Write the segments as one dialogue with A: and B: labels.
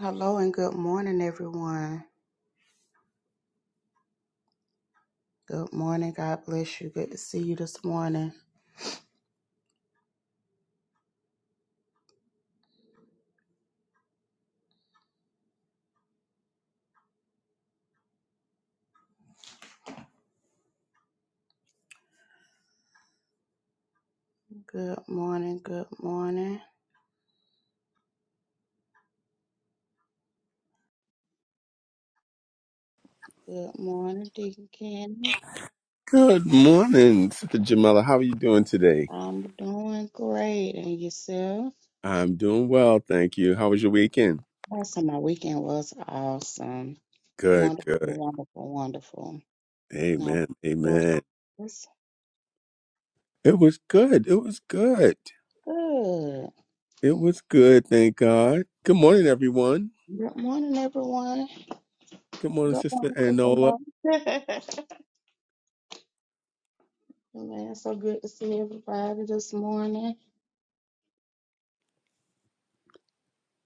A: Hello and good morning, everyone. Good morning. God bless you. Good to see you this morning. Good morning. Good morning. Good morning, Deacon Candy.
B: Good morning, Sister Jamila. How are you doing today?
A: I'm doing great. And yourself?
B: I'm doing well, thank you. How was your weekend?
A: Last time my weekend was awesome.
B: Good,
A: Wonderful,
B: good.
A: wonderful, wonderful. Now,
B: Amen, amen.
A: it's
B: It was good. It was good.
A: good.
B: It was good, thank God. Good morning, everyone.
A: Good morning, everyone.
B: Good morning,
A: Good morning,
B: Sister Anola.
A: Sister Lois. Man, so good to see everybody this morning.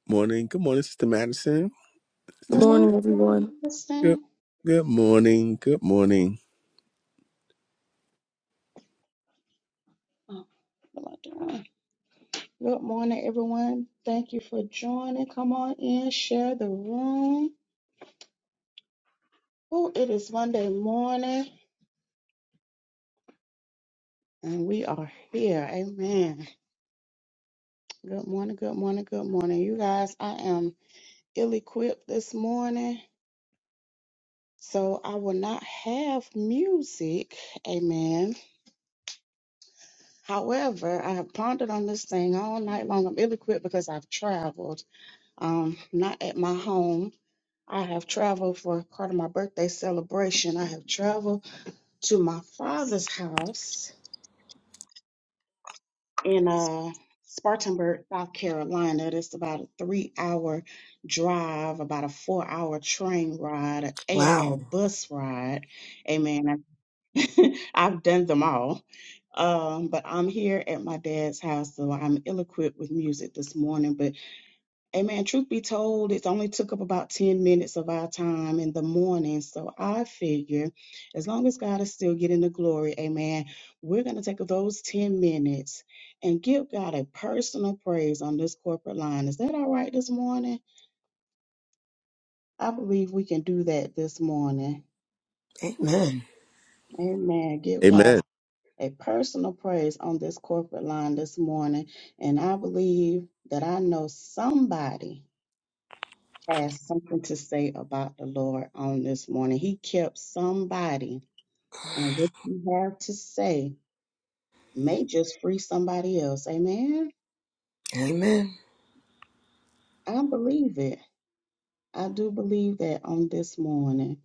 B: Morning. Good morning, Sister Madison.
C: Good
A: Good
B: Sister,
A: morning,
C: morning,
A: Sister
C: everyone.
B: good,
A: Madison.
B: good morning. Good morning.
A: Oh, well I done. Good morning, everyone. Thank you for joining. Come on in, share the room. Oh, it is Monday morning, and we are here. Amen. Good morning, good morning, good morning. You guys, I am ill equipped this morning, so I will not have music. Amen. However, I have pondered on this thing all night long. I'm ill equipped because I've traveled, um, not at my home. I have traveled for part of my birthday celebration. I have traveled to my father's house in uh, Spartanburg, South Carolina. It's about a three hour drive, about a four hour train ride, an eight hour
D: Wow.
A: bus ride. Amen. I- I've done them all. Um, but I'm here at my dad's house, so I'm ill equipped with music this morning. But Amen. Truth be told, it only took up about 10 minutes of our time in the morning. So I figure as long as God is still getting the glory, amen, we're going to take those 10 minutes and give God a personal praise on this corporate line. Is that all right this morning? I believe we can do that this morning.
D: Amen.
A: Amen. Give
B: Amen.
A: God a personal praise on this corporate line this morning. And I believe that I know somebody. has something to say about the Lord on this morning. He kept somebody, and what you have to say may just free somebody else. Amen.
D: Amen.
A: I believe it. I do believe that on this morning.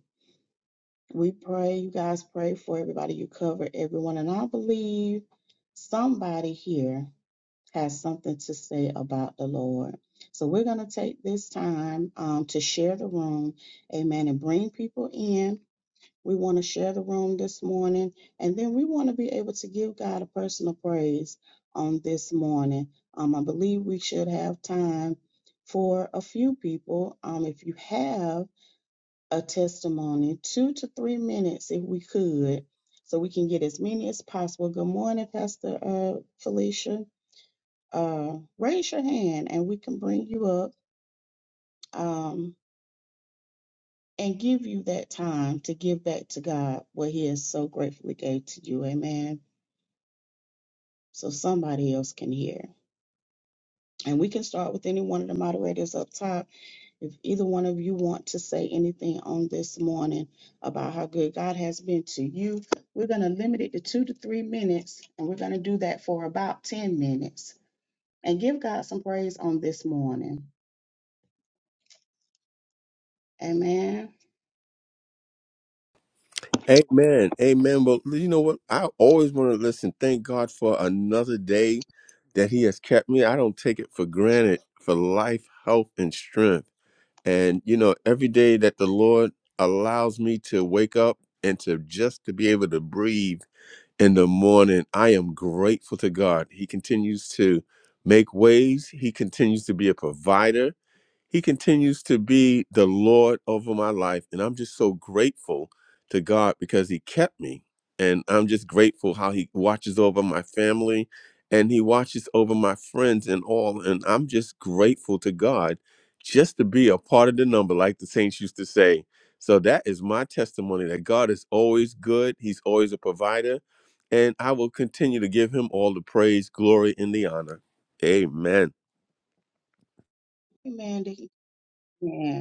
A: We pray, you guys pray for everybody. You cover everyone. And I believe somebody here has something to say about the Lord. So we're going to take this time um, to share the room. Amen. And bring people in. We want to share the room this morning, and then we want to be able to give God a personal praise on this morning. Um, I believe we should have time for a few people. Um, if you have a testimony, two to three minutes, if we could, so we can get as many as possible. Good morning, Pastor uh, Felicia. Uh, raise your hand, and we can bring you up. Um, and give you that time to give back to God what He has so gratefully gave to you. Amen. so somebody else can hear. And we can start with any one of the moderators up top. If either one of you want to say anything on this morning about how good God has been to you, we're going to limit it to two to three minutes, and we're going to do that for about 10 minutes and give God some praise on this morning. Amen.
B: Amen. Amen. But you know what? I always want to listen. Thank God for another day that He has kept me. I don't take it for granted for life, health, and strength. And you know, every day that the Lord allows me to wake up and to just to be able to breathe in the morning, I am grateful to God. He continues to make ways. He continues to be a provider. He continues to be the Lord over my life. And I'm just so grateful to God because He kept me. And I'm just grateful how He watches over my family and He watches over my friends and all. And I'm just grateful to God just to be a part of the number, like the saints used to say. So that is my testimony that God is always good, He's always a provider. And I will continue to give Him all the praise, glory, and the honor. Amen.
A: Amen. Amen.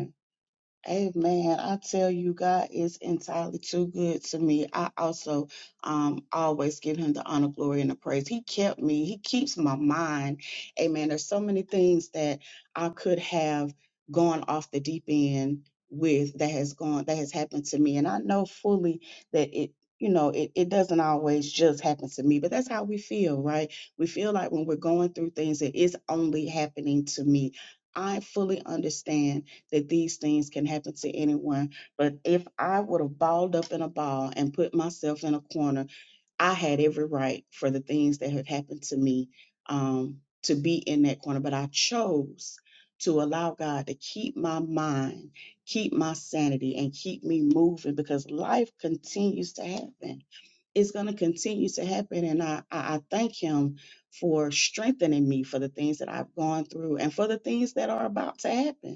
A: Amen. I tell you, God is entirely too good to me. I also um, always give him the honor, glory, and the praise. He kept me. He keeps my mind. Amen. There's so many things that I could have gone off the deep end with that has gone that has happened to me. And I know fully that it you know it, it doesn't always just happen to me but that's how we feel right we feel like when we're going through things it is only happening to me i fully understand that these things can happen to anyone. But if I would have balled up in a ball and put myself in a corner, I had every right for the things that had happened to me um, to be in that corner. But I chose to allow God to keep my mind, keep my sanity, and keep me moving because life continues to happen. It's going to continue to happen. And I, I, I thank Him for strengthening me for the things that I've gone through and for the things that are about to happen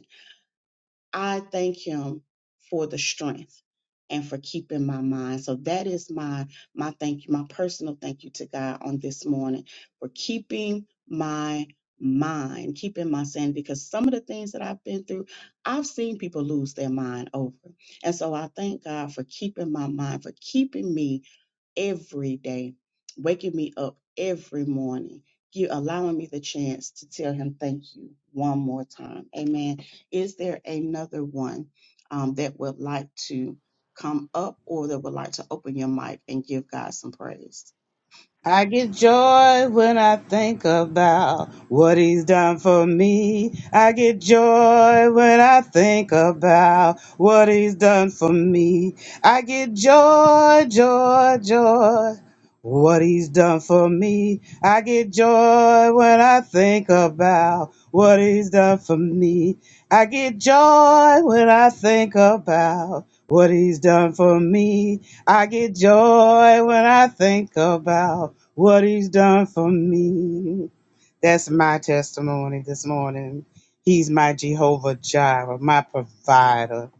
A: I thank him for the strength and for keeping my mind. So that is my my thank you, my personal thank you to God on this morning for keeping my mind, keeping my sanity. Because some of the things that I've been through, I've seen people lose their mind over. And so I thank God for keeping my mind, for keeping me every day, waking me up every morning, you allowing me the chance to tell him thank you one more time. Amen. Is there another one um, that would like to come up or that would like to open your mic and give God some praise?
E: I get joy when I think about what he's done for me. I get joy when I think about what he's done for me. I get joy, joy, joy. What he's done for me. I get joy when I think about what he's done for me. I get joy when I think about what he's done for me. I get joy when I think about what he's done for me. That's my testimony this morning. He's my Jehovah Jireh, my provider.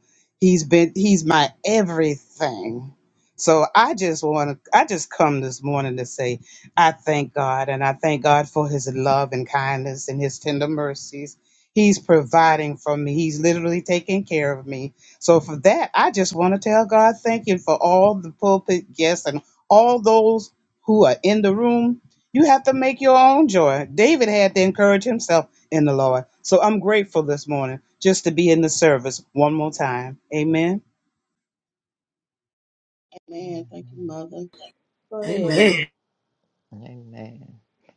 E: He's been he's my everything. So I just want to I just come this morning to say I thank God and I thank God for his love and kindness and his tender mercies. He's providing for me. He's literally taking care of me. So for that, I just want to tell God thank you for all the pulpit guests and all those who are in the room. You have to make your own joy. David had to encourage himself in the Lord. So I'm grateful this morning just to be in the service one more time. Amen.
A: Amen. Thank you, Mother. Go ahead.
D: Amen.
F: Amen.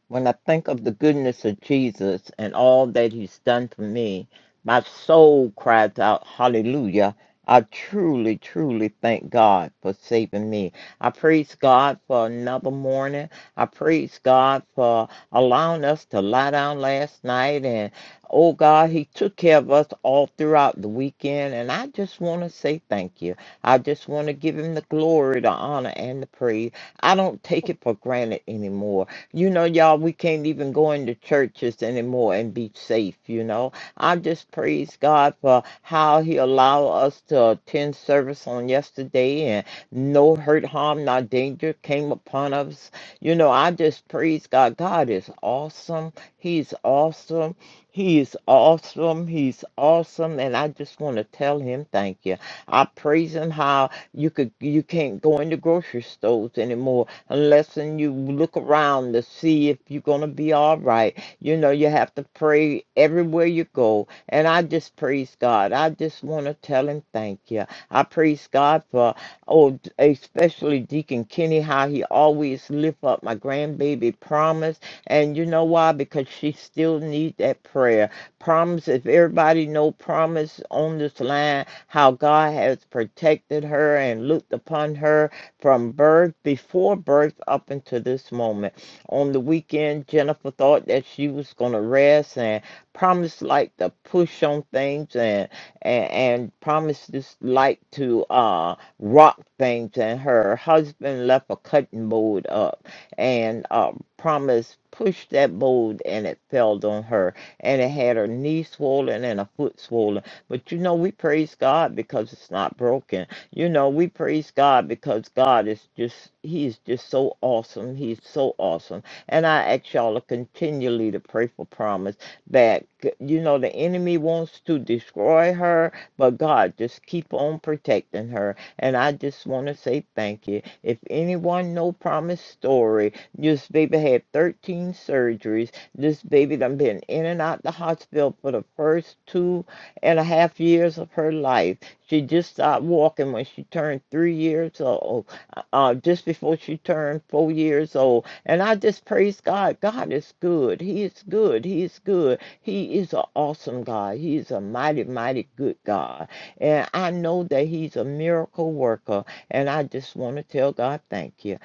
F: When I think of the goodness of Jesus and all that he's done for me, my soul cries out, Hallelujah. I truly, truly thank God for saving me. I praise God for another morning. I praise God for allowing us to lie down last night. And oh God, He took care of us all throughout the weekend. And I just want to say thank you. I just want to give Him the glory, the honor, and the praise. I don't take it for granted anymore. You know, y'all, we can't even go into churches anymore and be safe, you know. I just praise God for how He allowed us to attend service on yesterday and no hurt, harm, nor danger came upon us. You know, I just praise God. God is awesome. He's awesome. He is awesome. He's awesome. And I just want to tell him thank you. I praise him how you could you can't go into grocery stores anymore unless and you look around to see if you're going to be all right. You know, you have to pray everywhere you go. And I just praise God. I just want to tell him thank you. I praise God for, oh, especially Deacon Kenny, how he always lift up my grandbaby promise. And you know why? Because she still need that prayer. Promise, if everybody know promise on this line, how God has protected her and looked upon her from birth, before birth up until this moment. On the weekend, Jennifer thought that she was going to rest and promised light to push on things and, and, and promised this light to uh, rock things. And her husband left a cutting board up and uh, promised pushed that board and it fell on her and it had her knee swollen and her foot swollen but you know we praise god because it's not broken you know, we praise God because God is just, He's just so awesome. He's so awesome. And I ask y'all to continually to pray for promise that, you know, the enemy wants to destroy her, but God just keep on protecting her. And I just want to say thank you. If anyone know promise story, this baby had 13 surgeries. This baby done been in and out the hospital for the first two and a half years of her life. She just stopped walking when she turned three years old, uh, just before she turned four years old. And I just praise God. God is good. He is good. He is good. He is an awesome God. He is a mighty, mighty good God. And I know that He's a miracle worker. And I just want to tell God, thank you.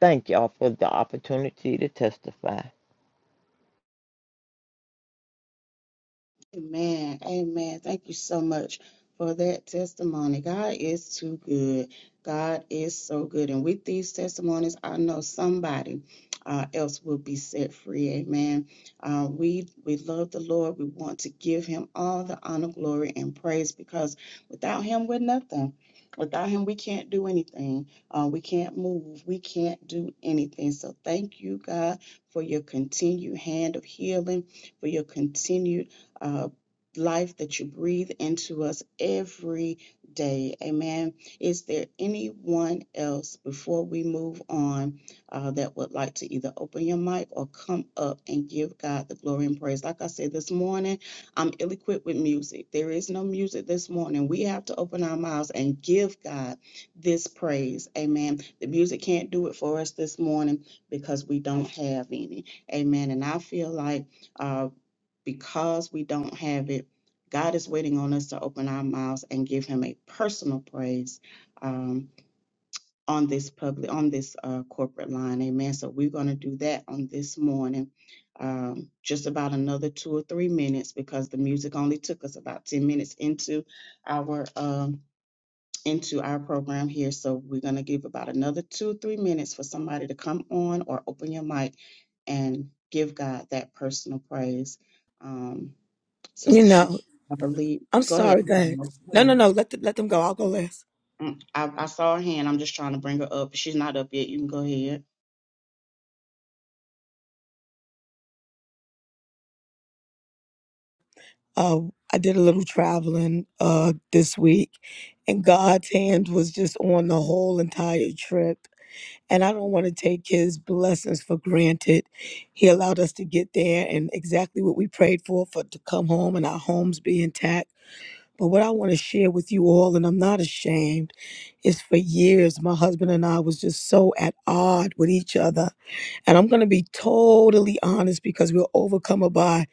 F: Thank y'all for the opportunity to testify.
A: Amen. Amen. Thank you so much for that testimony. God is too good. God is so good. And with these testimonies, I know somebody uh, else will be set free. Amen. Uh, we we love the Lord. We want to give Him all the honor, glory, and praise because without Him, we're nothing. Without Him, we can't do anything. Uh, we can't move. We can't do anything. So thank you, God, for your continued hand of healing for your continued uh, life that you breathe into us every day. Amen. Is there anyone else before we move on uh, that would like to either open your mic or come up and give God the glory and praise? Like I said this morning, I'm ill equipped with music. There is no music this morning. We have to open our mouths and give God this praise. Amen. The music can't do it for us this morning because we don't have any. Amen. And I feel like uh, because we don't have it, God is waiting on us to open our mouths and give Him a personal praise um, on this public, on this uh, corporate line. Amen. So we're going to do that on this morning. Um, just about another two or three minutes because the music only took us about 10 minutes into our um, into our program here. So we're going to give about another two or three minutes for somebody to come on or open your mic and give God that personal praise. Um,
D: You
A: Sister Shan,
D: know,
A: I believe.
D: I'm
A: Go ahead.
D: sorry. Go
A: I'm
D: ahead.
A: sorry. Go
D: No, no,
A: ahead.
D: no. Let the, let them go. I'll go last.
A: Mm, I, I saw her hand. I'm just trying to bring her up. She's not up yet. You can go ahead.
D: Uh, I did a little traveling uh this week, and God's hand was just on the whole entire trip. And I don't want to take His blessings for granted. He allowed us to get there, and exactly what we prayed for for to come home and our homes be intact. But what I want to share with you all, and I'm not ashamed, is for years my husband and I was just so at odd with each other. And I'm going to be totally honest because we're overcome by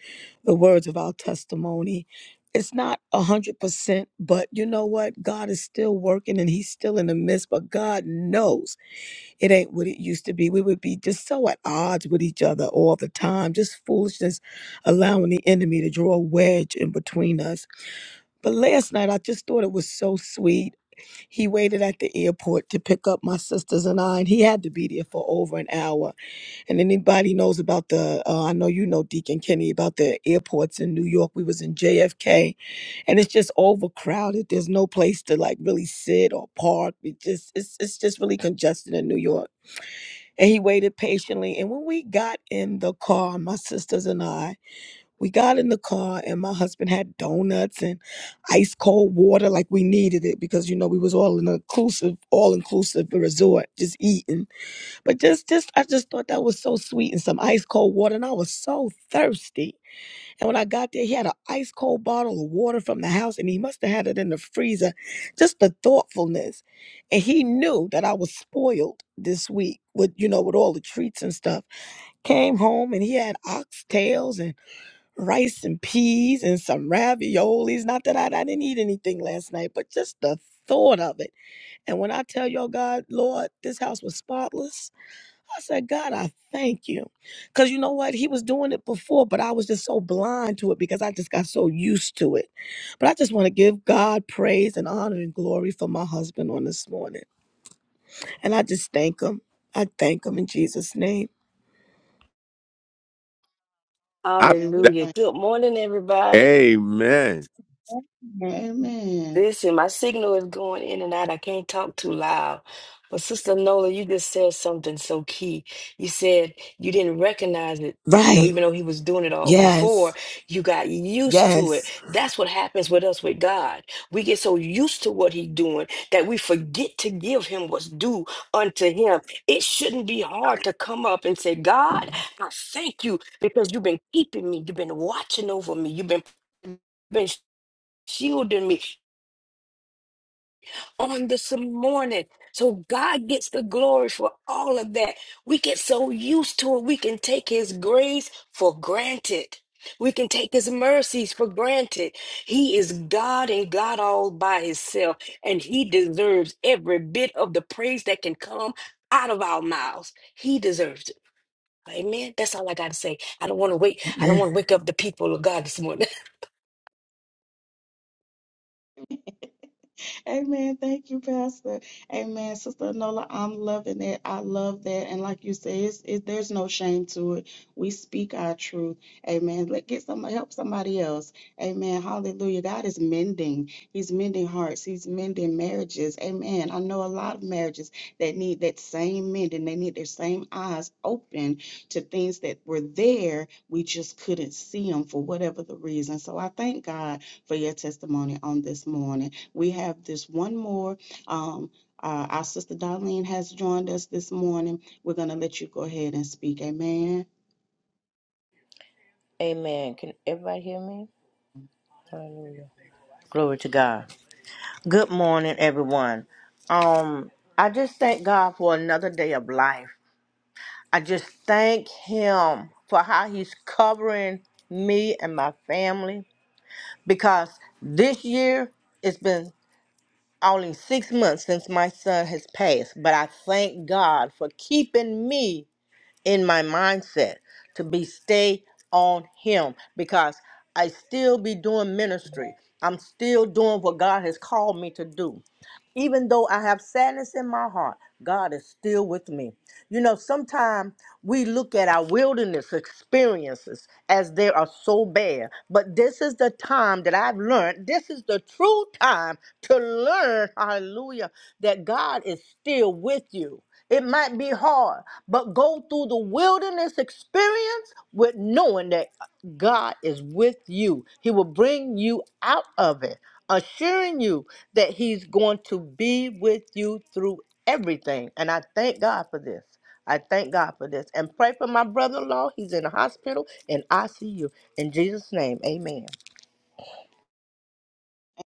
D: the words of our testimony. It's not 100%, but you know what? God is still working and he's still in the midst, but God knows it ain't what it used to be. We would be just so at odds with each other all the time, just foolishness, allowing the enemy to draw a wedge in between us. But last night, I just thought it was so sweet. He waited at the airport to pick up my sisters and I, and he had to be there for over an hour. And anybody knows about the, uh, I know you know Deacon Kenny about the airports in New York. We was in JFK, and it's just overcrowded. There's no place to like really sit or park. It just, it's, it's just really congested in New York. And he waited patiently. And when we got in the car, my sisters and I. We got in the car and my husband had donuts and ice cold water like we needed it because you know we was all in an inclusive all inclusive resort just eating. But just just I just thought that was so sweet and some ice cold water and I was so thirsty. And when I got there he had an ice cold bottle of water from the house and he must have had it in the freezer. Just the thoughtfulness. And he knew that I was spoiled this week with you know with all the treats and stuff. Came home and he had oxtails and rice and peas and some raviolis. Not that I, I didn't eat anything last night, but just the thought of it. And when I tell y'all, God, Lord, this house was spotless, I said, God, I thank you. Because you know what? He was doing it before, but I was just so blind to it because I just got so used to it. But I just want to give God praise and honor and glory for my husband on this morning. And I just thank him. I thank him in Jesus' name.
B: I love
A: And we
B: that
G: Hallelujah.
A: thank
G: Good morning, everybody.
B: testimony. Amen.
A: you. Amen.
G: Listen, my signal is going in and out. I can't talk too loud. But Sister Nola, you just said something so key. You said you didn't recognize it, you know,
D: Right.
G: even though he was doing it all before,
D: Yes.
G: you got used to it.
D: Yes.
G: That's what happens with us with God. We get so used to what he's doing that we forget to give him what's due unto him. It shouldn't be hard to come up and say, God, I thank you because you've been keeping me. You've been watching over me. You've been been shielding me on this morning. So God gets the glory for all of that. We get so used to it, we can take His grace for granted. We can take his mercies for granted. He is God and God all by himself, and he deserves every bit of the praise that can come out of our mouths. He deserves it. Amen. That's all I got to say. I don't want to wait. I don't
D: Amen.
G: want to wake up the people of God this morning.
A: Amen. Thank you, Pastor. Amen. Sister Nola, I'm loving it. I love that. And like you say, it's, it, there's no shame to it. We speak our truth. Amen. Let get some help somebody else. Amen. Hallelujah. God is mending. He's mending hearts. He's mending marriages. Amen. I know a lot of marriages that need that same mending. They need their same eyes open to things that were there. We just couldn't see them for whatever the reason. So I thank God for your testimony on this morning. We have this one more. Um, uh, our sister Darlene has joined us this morning. We're going to let you go ahead and speak. Amen.
H: Amen. Can everybody hear me? Hallelujah. Glory to God. Good morning, everyone. Um, I just thank God for another day of life. I just thank Him for how He's covering me and my family because this year it's been only six months since my son has passed, but I thank God for keeping me in my mindset to be stay on him because I still be doing ministry. I'm still doing what God has called me to do. Even though I have sadness in my heart, God is still with me. You know, sometimes we look at our wilderness experiences as they are so bad, but this is the time that I've learned, this is the true time to learn, hallelujah, that God is still with you. It might be hard, but go through the wilderness experience with knowing that God is with you. He will bring you out of it, assuring you that He's going to be with you through everything. And I thank God for this. I thank God for this. And pray for my brother in law. He's in the hospital in ICU. In Jesus' name, amen.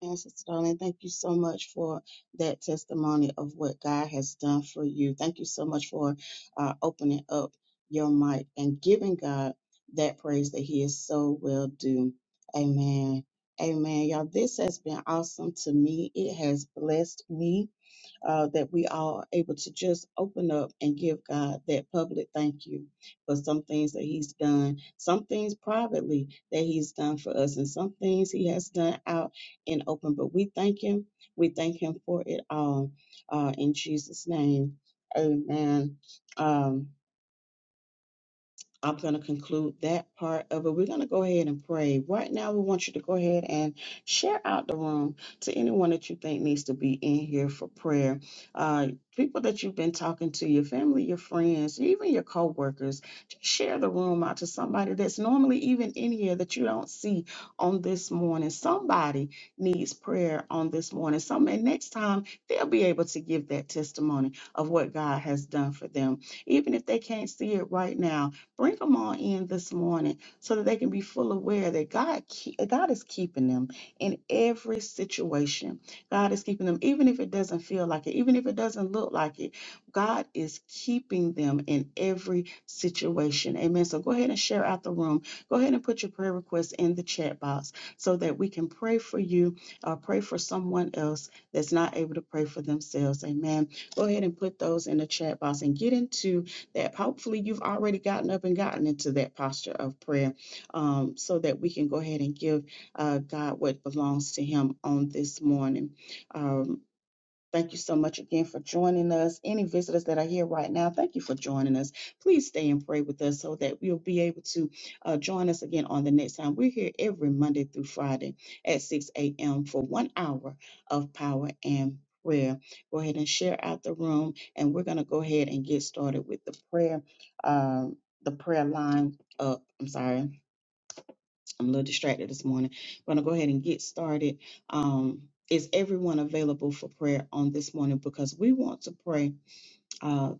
A: And Sister Darlene, thank you so much for that testimony of what God has done for you. Thank you so much for uh, opening up your mic and giving God that praise that He is so well due. Amen. Amen. Y'all, this has been awesome to me. It has blessed me. uh, that we all are able to just open up and give God that public thank you for some things that He's done, some things privately that He's done for us, and some things He has done out in open. But we thank Him. We thank Him for it all. Uh, in Jesus' name, Amen. Um, I'm going to conclude that part of it. We're going to go ahead and pray. Right now, we want you to go ahead and share out the room to anyone that you think needs to be in here for prayer. Uh, people that you've been talking to, your family, your friends, even your coworkers. Just share the room out to somebody that's normally even in here that you don't see on this morning. Somebody needs prayer on this morning. Some, and next time, they'll be able to give that testimony of what God has done for them. Even if they can't see it right now, Bring them all in this morning so that they can be full aware that God, ke- God is keeping them in every situation. God is keeping them, even if it doesn't feel like it, even if it doesn't look like it. God is keeping them in every situation. Amen. So go ahead and share out the room. Go ahead and put your prayer requests in the chat box so that we can pray for you or pray for someone else that's not able to pray for themselves. Amen. Go ahead and put those in the chat box and get into that hopefully you've already gotten up and gotten into that posture of prayer um, so that we can go ahead and give uh, God what belongs to Him on this morning. Um, Thank you so much again for joining us. Any visitors that are here right now, thank you for joining us. Please stay and pray with us so that we'll be able to uh, join us again on the next time. We're here every Monday through Friday at 6 a.m. for one hour of power and prayer. Go ahead and share out the room, and we're going to go ahead and get started with the prayer, um, the prayer line up. I'm sorry I'm a little distracted this morning. We're going to go ahead and get started. Um, is everyone available for prayer on this morning? Because we want to pray uh,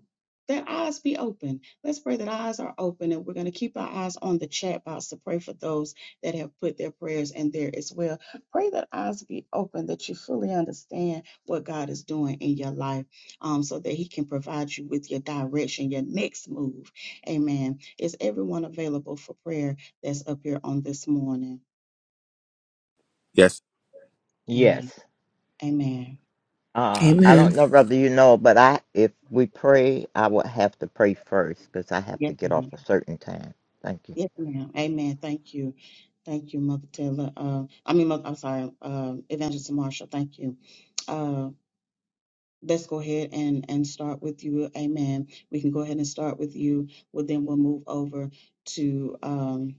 A: that eyes be open. Let's pray that eyes are open, and we're going to keep our eyes on the chat box to pray for those that have put their prayers in there as well. Pray that eyes be open, that you fully understand what God is doing in your life, um, so that He can provide you with your direction, your next move. Amen. Is everyone available for prayer that's up here on this morning?
B: Yes.
A: Amen.
F: Yes.
A: Amen.
F: Uh, I don't
D: Amen.
F: know whether you know, but I if we pray, I would have to pray first because I have to
A: Yes,
F: get off
A: ma'am.
F: a certain time. Thank you.
A: Yes, ma'am. Amen. Thank you. Thank you, Mother Taylor. Uh, I mean, Mother, I'm sorry, uh, Evangelist Marshall. Thank you. Uh, let's go ahead and, and start with you. Amen. We can go ahead and start with you. Well, then we'll move over to um,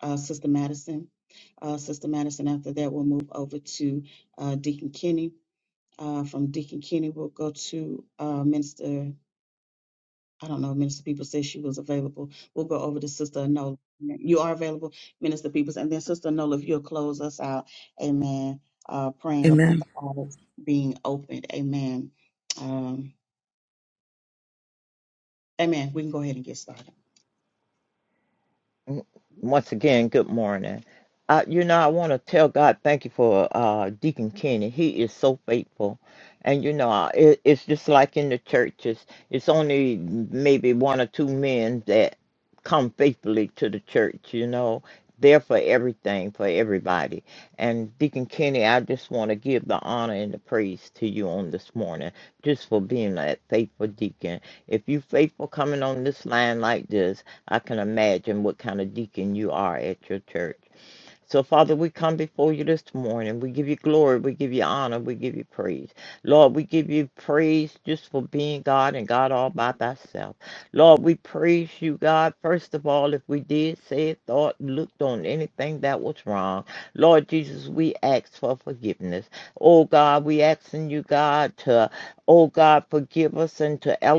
A: uh, Sister Madison. Uh, Sister Madison, after that, we'll move over to uh, Deacon Kenny. Uh, from Deacon Kenny, we'll go to uh, Minister I don't know. Minister Peoples said she was available. We'll go over to Sister Nola. You are available, Minister Peoples. And then Sister Nola, if you'll close us out. Amen. Uh, praying
D: Amen.
A: about the eyes being opened. Amen. Um, amen. We can go ahead and get started.
F: Mm, Once again, good morning. Uh, you know, I want to tell God thank you for uh, Deacon Kenny. He is so faithful. And, you know, I- it, it's just like in the churches, it's only maybe one or two men that come faithfully to the church, you know. There for everything, for everybody. And Deacon Kenny, I just want to give the honor and the praise to you on this morning, just for being that faithful deacon. If you faithful coming on this line like this, I can imagine what kind of deacon you are at your church. So, Father, we come before you this morning. We give you glory. We give you honor. We give you praise. Lord, we give you praise just for being God and God all by thyself. Lord, we praise you, God, first of all, if we did, said, thought, looked on anything that was wrong. Lord Jesus, we ask for forgiveness. Oh, God, we asking you, God, to, oh, God, forgive us and to elevate.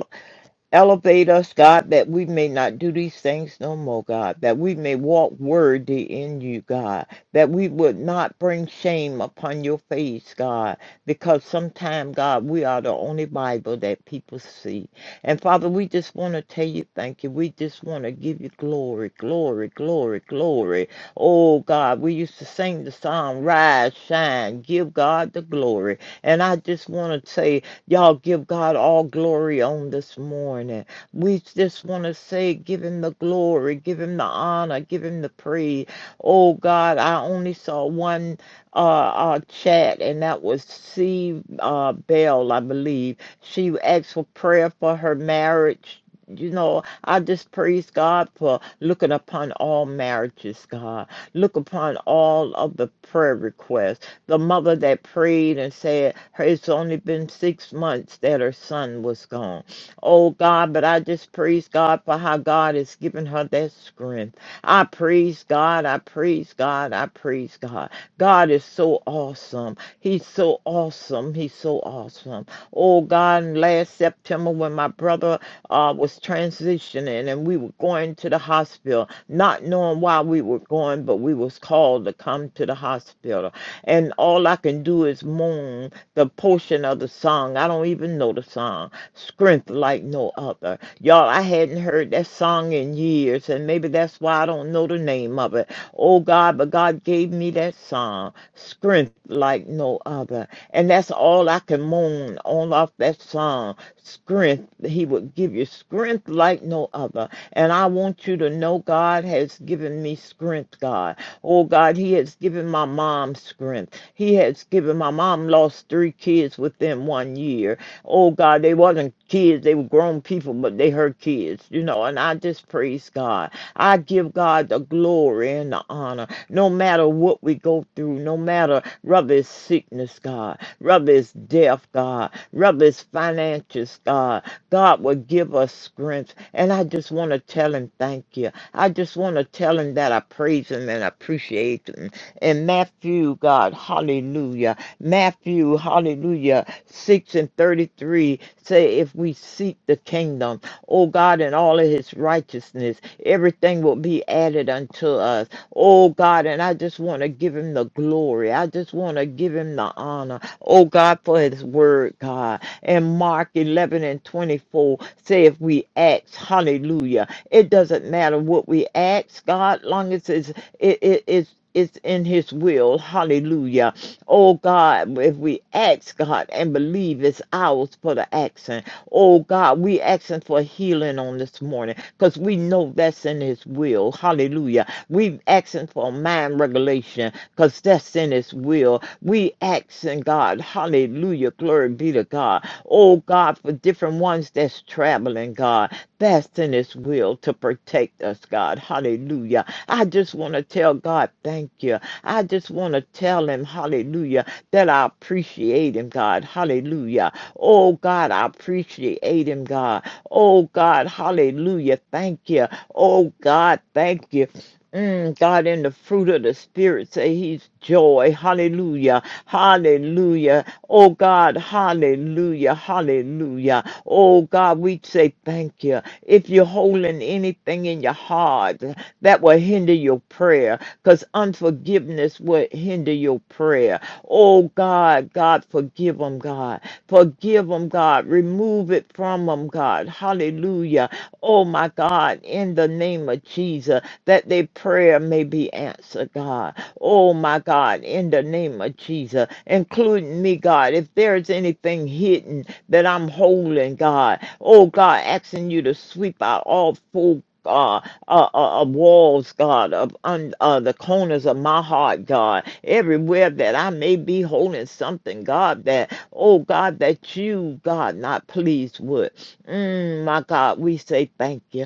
F: Elevate us, God, that we may not do these things no more, God, that we may walk worthy in you, God, that we would not bring shame upon your face, God, because sometime, God, we are the only Bible that people see. And Father, we just want to tell you thank you. We just want to give you glory, glory, glory, glory. Oh, God, we used to sing the song, Rise, Shine, Give God the Glory. And I just want to say, Y'all give God all glory on this morning. We just want to say, give him the glory, give him the honor, give him the praise. Oh God, I only saw one uh, uh chat, and that was C. Uh, Bell, I believe. She asked for prayer for her marriage. You know, I just praise God for looking upon all marriages, God. Look upon all of the prayer requests the mother that prayed and said, It's only been six months that her son was gone. Oh God, but I just praise God for how God has given her that strength. I praise God, I praise God, I praise God. God is so awesome. He's so awesome. He's so awesome. Oh God, and last September when my brother uh, was transitioning and we were going to the hospital, not knowing why we were going, but we was called to come to the hospital and all I can do is moan the portion of the song. I don't even know the song. Strength like no other. Y'all, I hadn't heard that song in years, and maybe that's why I don't know the name of it. Oh God, but God gave me that song. Strength like no other. And that's all I can moan on off that song. Strength. He will give you strength like no other. And I want you to know God has given me strength, God. Oh, God, He has given my mom strength. He has given my mom lost three kids within one year. Oh, God, they wasn't kids. They were grown people, but they her kids, you know. And I just praise God. I give God the glory and the honor no matter what we go through, no matter whether it's sickness, God. Rub his death, God. Rub his finances, God. God will give us strength. And I just want to tell him thank you. I just want to tell him that I praise him and appreciate him. And Matthew, God, hallelujah. Matthew, hallelujah, 6 and 33 say, if we seek the kingdom, oh God, in all of his righteousness, everything will be added unto us. Oh God, and I just want to give him the glory. I just want to give him the honor. Oh God, for his word, God. And Mark 11 and 24 say if we ask, hallelujah. It doesn't matter what we ask, God, long as it's, it, it, it's, it's in his will. Hallelujah. Oh God, if we ask God and believe it's ours for the action. Oh God, we asking for healing on this morning because we know that's in his will. Hallelujah. We asking for mind regulation because that's in His will. We asking God, hallelujah, glory be to God. Oh God, for different ones that's traveling, God, that's in His will to protect us, God, hallelujah. I just want to tell God, thank you. I just want to tell Him, hallelujah, that I appreciate Him, God, hallelujah. Oh God, I appreciate Him, God. Oh God, hallelujah, thank you. Oh God, thank you. Mm, God, in the fruit of the Spirit, say He's joy. Hallelujah. Hallelujah. Oh, God. Hallelujah. Hallelujah. Oh, God, we say thank you. If you're holding anything in your heart that will hinder your prayer, because unforgiveness will hinder your prayer. Oh, God, God, forgive them, God. Forgive them, God. Remove it from them, God. Hallelujah. Oh, my God, in the name of Jesus that their prayer may be answered, God. Oh, my God, in the name of Jesus, including me, God, if there's anything hidden that I'm holding, God, oh, God, asking you to sweep out all full. Uh, uh, uh, uh, walls, God, of un, uh, the corners of my heart, God, everywhere that I may be holding something, God, that, oh God, that you, God, not pleased with. Mm, my God, we say thank you.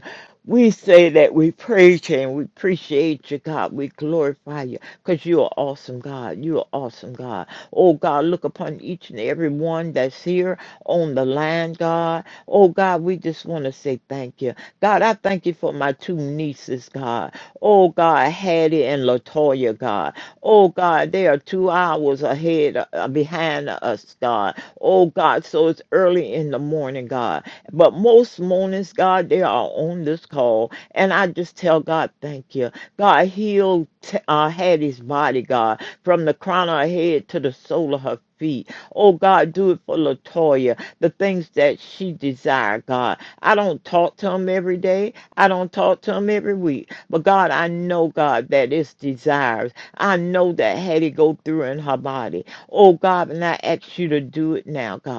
F: We say that we praise you and we appreciate you, God. We glorify you because you are awesome, God. You are awesome, God. Oh, God, look upon each and every one that's here on the line, God. Oh, God, we just want to say thank you. God, I thank you for my two nieces, God. Oh, God, Hattie and Latoya, God. Oh, God, they are two hours ahead, uh, behind us, God. Oh, God, so it's early in the morning, God. But most mornings, God, they are on this call. And I just tell God, thank you. God healed T- uh, Hattie's body, God, from the crown of her head to the sole of her feet. Oh, God, do it for Latoya, the things that she desire, God. I don't talk to him every day. I don't talk to him every week. But God, I know, God, that it's desires. I know that Hattie go through in her body. Oh, God, and I ask you to do it now, God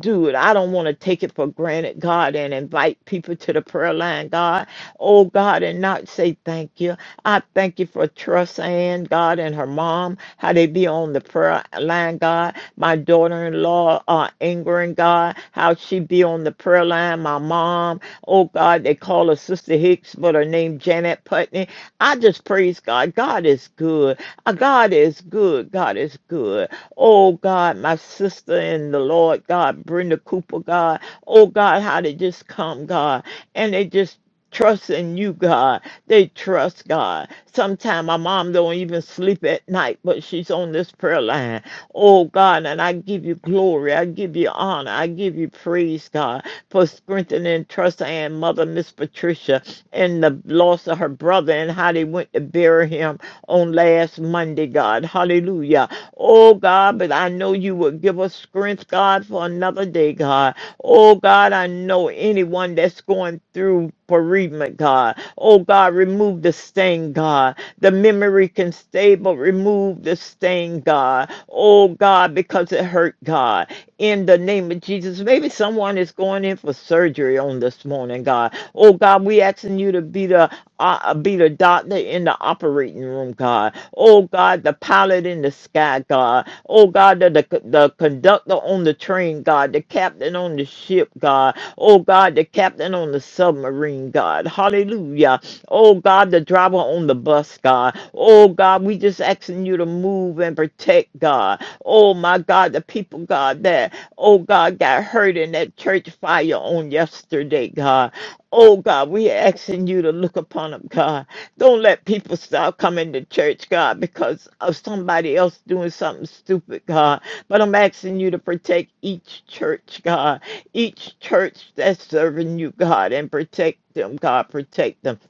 F: dude, I don't want to take it for granted, God, and invite people to the prayer line, God. Oh, God, and not say thank you. I thank you for Trust Ann, God, and her mom, how they be on the prayer line, God. My daughter in law, uh, Ingrid, God, how she be on the prayer line. My mom, oh, God, they call her Sister Hicks, but her name Janet Putney. I just praise God. God is good. Uh, God is good. God is good. Oh God, my sister in the Lord, God, Brenda Cooper, God. Oh God, how they just come, God. And they just trust in you, God. They trust God. Sometimes my mom don't even sleep at night, but she's on this prayer line. Oh God, and I give you glory. I give you honor. I give you praise, God, for strengthening trust and mother, Miss Patricia, and the loss of her brother and how they went to bury him on last Monday, God. Hallelujah. Oh God, but I know you will give us strength, God, for another day, God. Oh God, I know anyone that's going through bereavement, God. Oh God, remove the stain, God. The memory can stay, but remove the stain, God. Oh God, because it hurt, God in the name of Jesus. Maybe someone is going in for surgery on this morning, God. Oh God, we asking you to be the uh, uh, be the doctor in the operating room, God. Oh God, the pilot in the sky, God. Oh God, the, the the conductor on the train, God. The captain on the ship, God. Oh God, the captain on the submarine, God. Hallelujah. Oh God, the driver on the bus, God. Oh God, we just asking you to move and protect, God. Oh my God, the people, God, that, oh God, got hurt in that church fire on yesterday, God. Oh God, we asking you to look upon them, God. Don't let people stop coming to church, God, because of somebody else doing something stupid, God. But I'm asking you to protect each church, God, each church that's serving you, God, and protect them, God, protect them.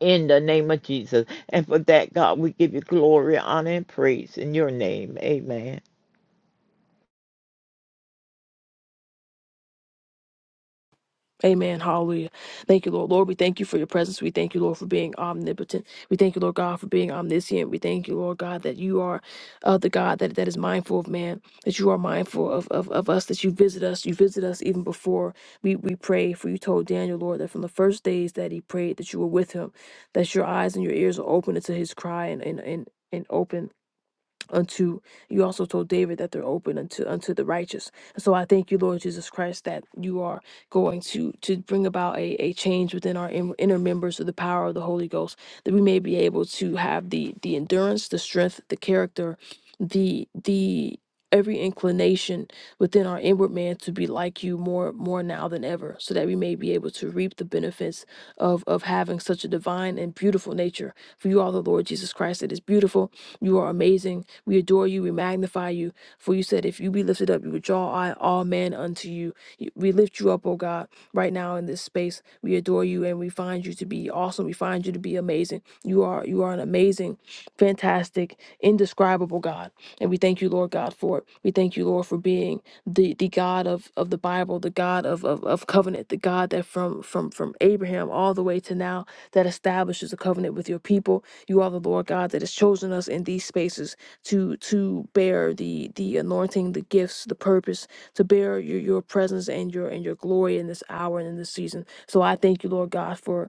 F: In the name of Jesus. And for that, God, we give you glory, honor, and praise in your name. Amen.
C: Amen. Hallelujah. Thank you, Lord. Lord, we thank you for your presence. We thank you, Lord, for being omnipotent. We thank you, Lord God, for being omniscient. We thank you, Lord God, that you are uh, the God that, that is mindful of man, that you are mindful of, of, of us, that you visit us. You visit us even before we, we pray. For you told Daniel, Lord, that from the first days that he prayed, that you were with him, that your eyes and your ears are open to his cry and, and, and, and open unto you also told David that they're open unto unto the righteous. And so I thank you, Lord Jesus Christ, that you are going to to bring about a, a change within our in- inner members of the power of the Holy Ghost, that we may be able to have the the endurance, the strength, the character, the the every inclination within our inward man to be like you more more now than ever so that we may be able to reap the benefits of of having such a divine and beautiful nature for you are the lord jesus christ it is beautiful you are amazing we adore you. We magnify you. For you said, if you be lifted up, you would draw all all men unto you. You- We lift you up, oh God, right now in this space. We adore you and we find you to be awesome. We find you to be amazing. You are you are an amazing, fantastic, indescribable God. And we thank you, Lord God, for it. We thank you, Lord, for being the, the God of, of the Bible, the God of, of, of covenant, the God that from, from from Abraham all the way to now that establishes a covenant with your people. You are the Lord God that has chosen us in these spaces to to bear the the anointing, the gifts, the purpose, to bear your your presence and your and your glory in this hour and in this season. So I thank you, Lord God, for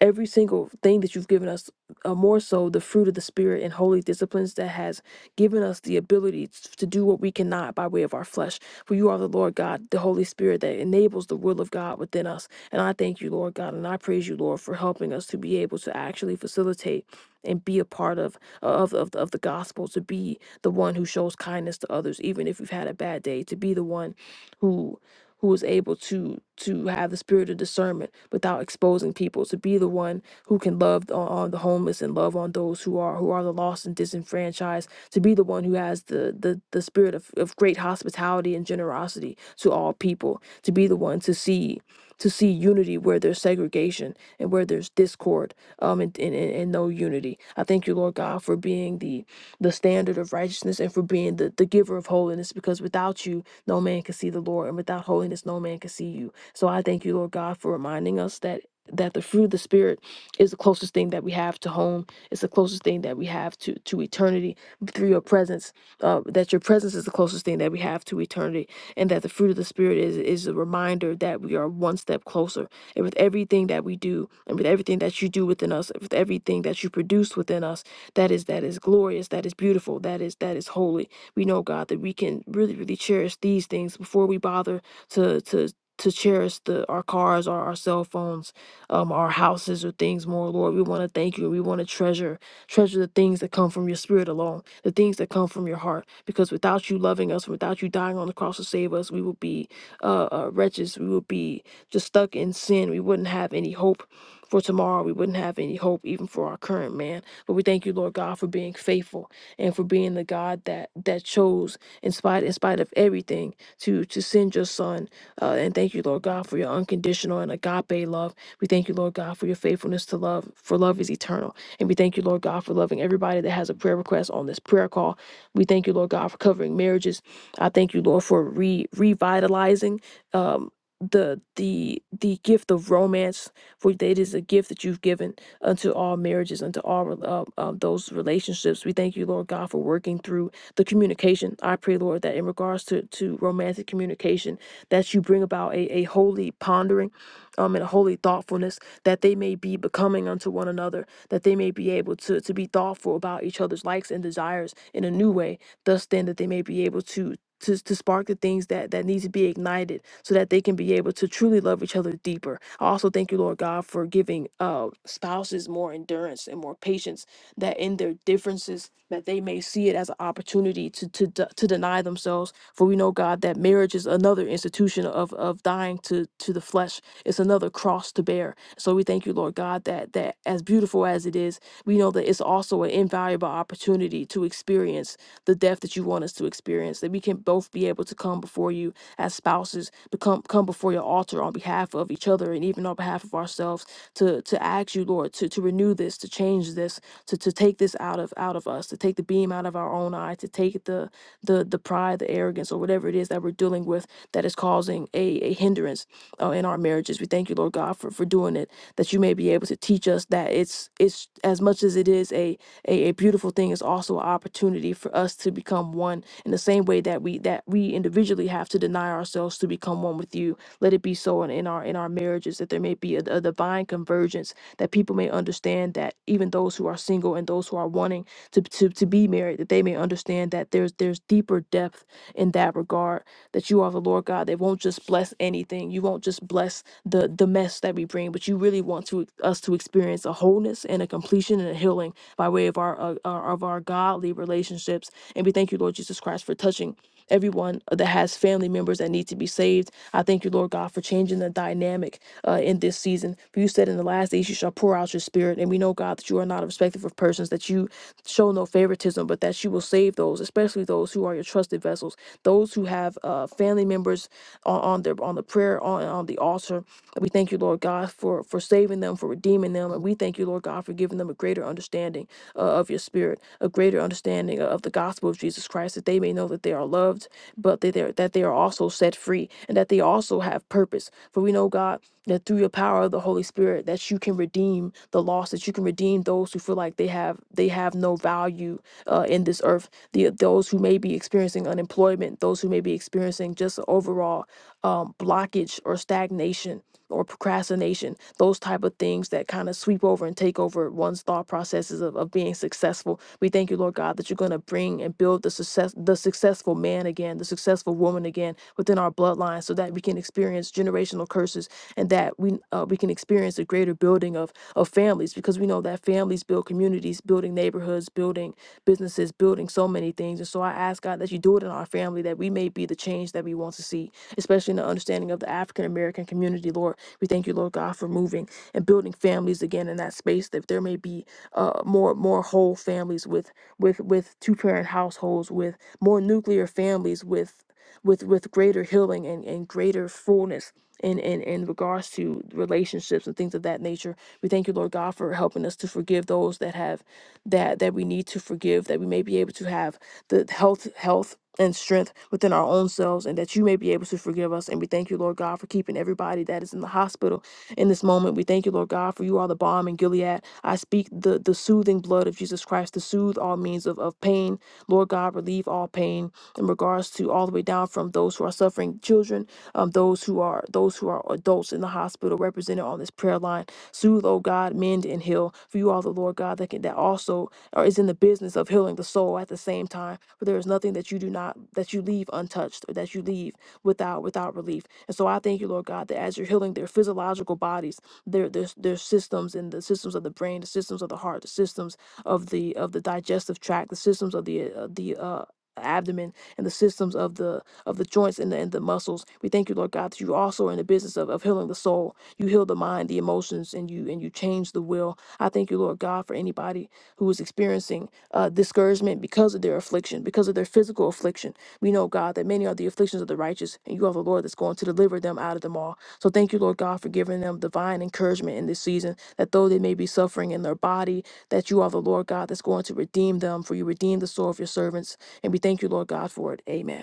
C: every single thing that you've given us, uh, more so the fruit of the Spirit and holy disciplines that has given us the ability t- to do what we cannot by way of our flesh. For you are the Lord God, the Holy Spirit that enables the will of God within us. And I thank you, Lord God, and I praise you, Lord, for helping us to be able to actually facilitate and be a part of of, of, of the gospel, to be the one who shows kindness to others, even if we've had a bad day, to be the one who who is able to to have the spirit of discernment without exposing people to be the one who can love on, on the homeless and love on those who are who are the lost and disenfranchised to be the one who has the the, the spirit of, of great hospitality and generosity to all people to be the one to see to see unity where there's segregation and where there's discord um and, and, and and no unity i thank you lord god for being the the standard of righteousness and for being the, the giver of holiness because without you no man can see the Lord, and without holiness, no man can see you. So I thank you, Lord God, for reminding us that that the fruit of the spirit is the closest thing that we have to home it's the closest thing that we have to to eternity through your presence uh, that your presence is the closest thing that we have to eternity and that the fruit of the spirit is is a reminder that we are one step closer and with everything that we do and with everything that you do within us with everything that you produce within us that is that is glorious that is beautiful that is that is holy we know god that we can really really cherish these things before we bother to to to cherish the our cars or our cell phones um our houses or things more lord we want to thank you we want to treasure treasure the things that come from your spirit alone the things that come from your heart because without you loving us without you dying on the cross to save us we would be uh, uh wretches we would be just stuck in sin we wouldn't have any hope for tomorrow we wouldn't have any hope even for our current man but we thank you lord god for being faithful and for being the God that that chose in spite in spite of everything to to send your son. Uh, and thank you, Lord God, for your unconditional and agape love. We thank you, Lord God, for your faithfulness to love, for love is eternal. And we thank you, Lord God, for loving everybody that has a prayer request on this prayer call. We thank you, Lord God, for covering marriages. I thank you, Lord, for re revitalizing um the the the gift of romance for it is a gift that you've given unto all marriages, unto all rel- uh, uh, those relationships. We thank you, Lord God, for working through the communication. I pray, Lord, that in regards to, to romantic communication, that you bring about a, a holy pondering um, and a holy thoughtfulness, that they may be becoming unto one another, that they may be able to, to be thoughtful about each other's likes and desires in a new way, thus then that they may be able to to, to spark the things that, that needs to be ignited so that they can be able to truly love each other deeper. I also thank you, Lord God, for giving uh, spouses more endurance and more patience that in their differences that they may see it as an opportunity to, to, de- to deny themselves. For we know, God, that marriage is another institution of, of dying to, to the flesh. It's another cross to bear. So we thank you, Lord God, that, that as beautiful as it is, we know that it's also an invaluable opportunity to experience the death that you want us to experience, that we can both be able to come before you as spouses, to come, come before your altar on behalf of each other and even on behalf of ourselves to, to ask you, Lord, to, to renew this, to change this, to, to take this out of out of us, to take the beam out of our own eye, to take the the the pride, the arrogance, or whatever it is that we're dealing with that is causing a, a hindrance uh, in our marriages. We thank you, Lord God, for, for doing it, that you may be able to teach us that it's it's as much as it is a a, a beautiful thing is also an opportunity for us to become one in the same way that we that we individually have to deny ourselves to become one with you let it be so in, in our in our marriages that there may be a, a divine convergence that people may understand that even those who are single and those who are wanting to, to to be married that they may understand that there's there's deeper depth in that regard that you are the Lord God that won't just bless anything. You won't just bless the the mess that we bring, but you really want to us to experience a wholeness and a completion and a healing by way of our uh, uh, of our godly relationships. And we thank you, Lord Jesus Christ, for touching everyone that has family members that need to be saved. I thank you, Lord God, for changing the dynamic uh, in this season. For you said in the last days you shall pour out your spirit, and we know God that you are not a respecter of persons, that you show no favoritism, but that you will save those, especially those who are your trusted vessels, those who have uh, family members on, on their on the prayer on on the altar. We thank you, Lord God, for for saving them, for redeeming them, and we thank you, Lord God, for giving them a greater understanding uh, of your Spirit, a greater understanding of the gospel of Jesus Christ, that they may know that they are loved, but that they are, that they are also set free, and that they also have purpose. For we know, God, that through your power of the Holy Spirit, that you can redeem the lost, that you can redeem those who feel like they have they have no value uh, in this earth, the those who may be experiencing unemployment, those who may be experiencing just overall um, blockage or stagnation or procrastination, those type of things that kind of sweep over and take over one's thought processes of, of being successful. We thank you, Lord God, that you're going to bring and build the success, the successful man again, the successful woman again within our bloodline, so that we can experience generational curses and that we uh, we can experience a greater building of of families, because we know that families build communities, building neighborhoods, building businesses, building so many things. And so I ask God that you do it in our family, that we may be the change that we want to see, especially in the understanding of the African American community, Lord. We thank you, Lord God, for moving and building families again in that space, that there may be uh, more more whole families with with with two parent households, with more nuclear families, with with with greater healing and, and greater fullness in, in in regards to relationships and things of that nature. We thank you, Lord God, for helping us to forgive those that have that that we need to forgive, that we may be able to have the health, health and strength within our own selves, and that you may be able to forgive us. And we thank you, Lord God, for keeping everybody that is in the hospital in this moment. We thank you, Lord God, for you are the balm in Gilead. I speak the, the soothing blood of Jesus Christ to soothe all means of, of pain. Lord God, relieve all pain in regards to all the way down from those who are suffering children um, those who are those who are adults in the hospital represented on this prayer line. Soothe, oh God, mend and heal. For you are the Lord God that can that also or is in the business of healing the soul at the same time. For there is nothing that you do not that you leave untouched or that you leave without without relief. And so I thank you, Lord God, that as you're healing their physiological bodies, their their their systems and the systems of the brain, the systems of the heart, the systems of the of the digestive tract, the systems of the uh, the uh, abdomen, and the systems of the of the joints and the, and the muscles. We thank you, Lord God, that you also are in the business of, of healing the soul. You heal the mind, the emotions, and you and you change the will. I thank you, Lord God, for anybody who is experiencing uh, discouragement because of their affliction, because of their physical affliction. We know, God, that many are the afflictions of the righteous, and you are the Lord that's going to deliver them out of them all. So thank you, Lord God, for giving them divine encouragement in this season, that though they may be suffering in their body, that you are the Lord God that's going to redeem them, for you redeem the soul of your servants. And we thank you, Lord God, for it. Amen.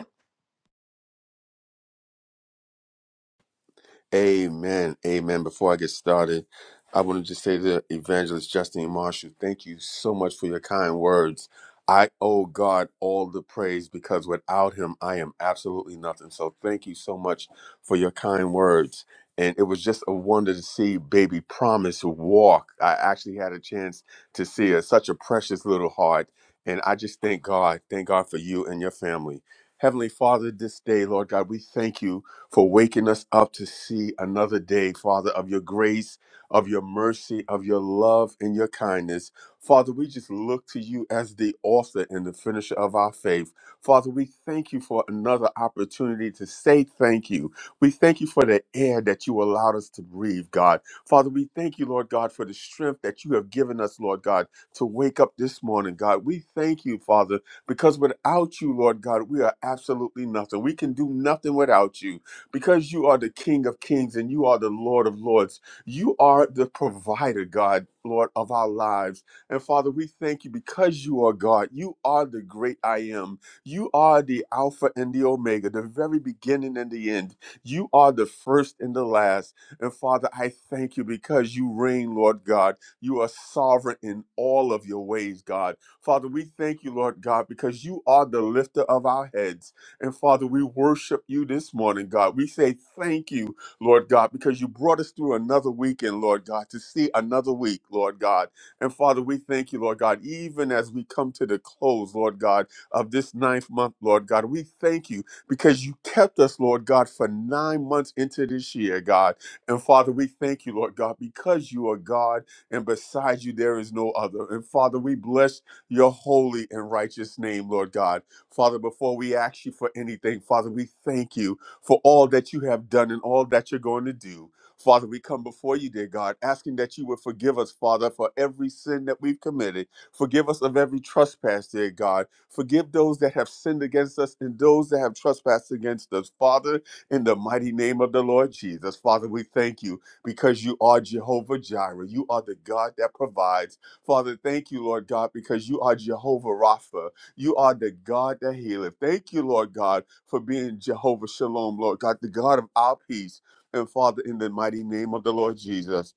B: Amen. Amen. Before I get started, I want to just say to Evangelist Justine Marshall, thank you so much for your kind words. I owe God all the praise because without him, I am absolutely nothing. So thank you so much for your kind words. And it was just a wonder to see baby Promise walk. I actually had a chance to see her, such a precious little heart. And I just thank God. Thank God for you and your family. Heavenly Father, this day, Lord God, we thank you for waking us up to see another day, Father, of your grace, of your mercy, of your love, and your kindness. Father, we just look to you as the author and the finisher of our faith. Father, we thank you for another opportunity to say thank you. We thank you for the air that you allowed us to breathe, God. Father, we thank you, Lord God, for the strength that you have given us, Lord God, to wake up this morning, God. We thank you, Father, because without you, Lord God, we are absolutely nothing. We can do nothing without you because you are the King of Kings and you are the Lord of Lords. You are the provider, God, Lord of our lives. And Father, we thank you because you are God. You are the great I am. You are the Alpha and the Omega, the very beginning and the end. You are the first and the last. And Father, I thank you because you reign, Lord God. You are sovereign in all of your ways, God. Father, we thank you, Lord God, because you are the lifter of our heads. And Father, we worship you this morning, God. We say thank you, Lord God, because you brought us through another weekend, Lord God, to see another week, Lord God. And Father, we thank you, Lord God, even as we come to the close, Lord God, of this ninth month, Lord God. We thank you because you kept us, Lord God, for nine months into this year, God. And Father, we thank you, Lord God, because you are God and beside you there is no other. And Father, we bless your holy and righteous name, Lord God. Father, before we ask you for anything, Father, we thank you for all that you have done and all that you're going to do. Father, we come before you, dear God, asking that you would forgive us, Father, for every sin that we've committed. Forgive us of every trespass, dear God. Forgive those that have sinned against us and those that have trespassed against us. Father, in the mighty name of the Lord Jesus, Father, we thank you because you are Jehovah Jireh. You are the God that provides. Father, thank you, Lord God, because you are Jehovah Rapha. You are the God that healeth. Thank you, Lord God, for being Jehovah Shalom, Lord God, the God of our peace. And Father, in the mighty name of the Lord Jesus.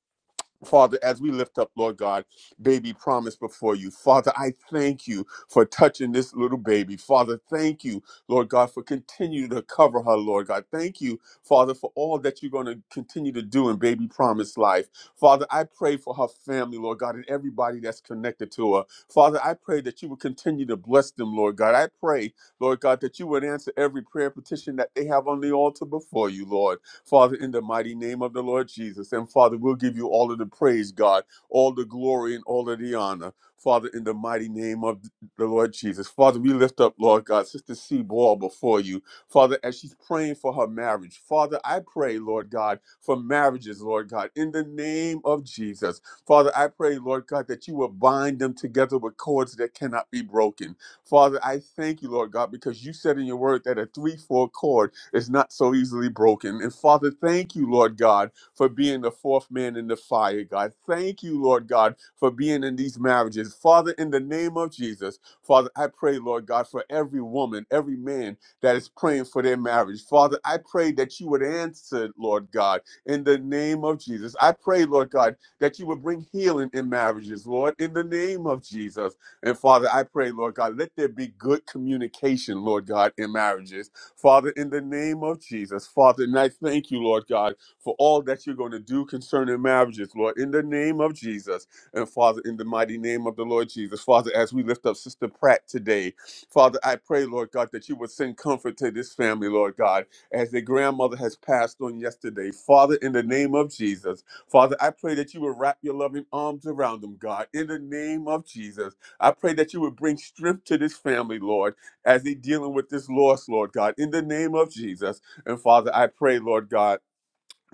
B: Father, as we lift up, Lord God, baby promise before you. Father, I thank you for touching this little baby. Father, thank you, Lord God, for continuing to cover her, Lord God. Thank you, Father, for all that you're going to continue to do in baby promise life. Father, I pray for her family, Lord God, and everybody that's connected to her. Father, I pray that you would continue to bless them, Lord God. I pray, Lord God, that you would answer every prayer petition that they have on the altar before you, Lord. Father, in the mighty name of the Lord Jesus. And Father, we'll give you all of the praise, God, all the glory and all of the honor. Father, in the mighty name of the Lord Jesus. Father, we lift up, Lord God, Sister C. Ball before you. Father, as she's praying for her marriage, Father, I pray, Lord God, for marriages, Lord God, in the name of Jesus. Father, I pray, Lord God, that you will bind them together with cords that cannot be broken. Father, I thank you, Lord God, because you said in your word that a three-four cord is not so easily broken. And Father, thank you, Lord God, for being the fourth man in the fire, God. Thank you, Lord God, for being in these marriages. Father, in the name of Jesus, Father, I pray, Lord God, for every woman, every man that is praying for their marriage. Father, I pray that you would answer, Lord God, in the name of Jesus. I pray, Lord God, that you would bring healing in marriages, Lord, in the name of Jesus. And Father, I pray, Lord God, let there be good communication, Lord God, in marriages Father, in the name of Jesus, Father, and I thank you, Lord God, for all that you're going to do concerning marriages, Lord, in the name of Jesus. And Father, in the mighty name of the Lord Jesus, Father, as we lift up Sister Pratt today, Father, I pray, Lord God, that you would send comfort to this family, Lord God, as their grandmother has passed on yesterday. Father, in the name of Jesus, Father, I pray that you would wrap your loving arms around them, God, in the name of Jesus. I pray that you would bring strength to this family, Lord as they dealing with this loss, Lord God, in the name of Jesus. And Father, I pray, Lord God,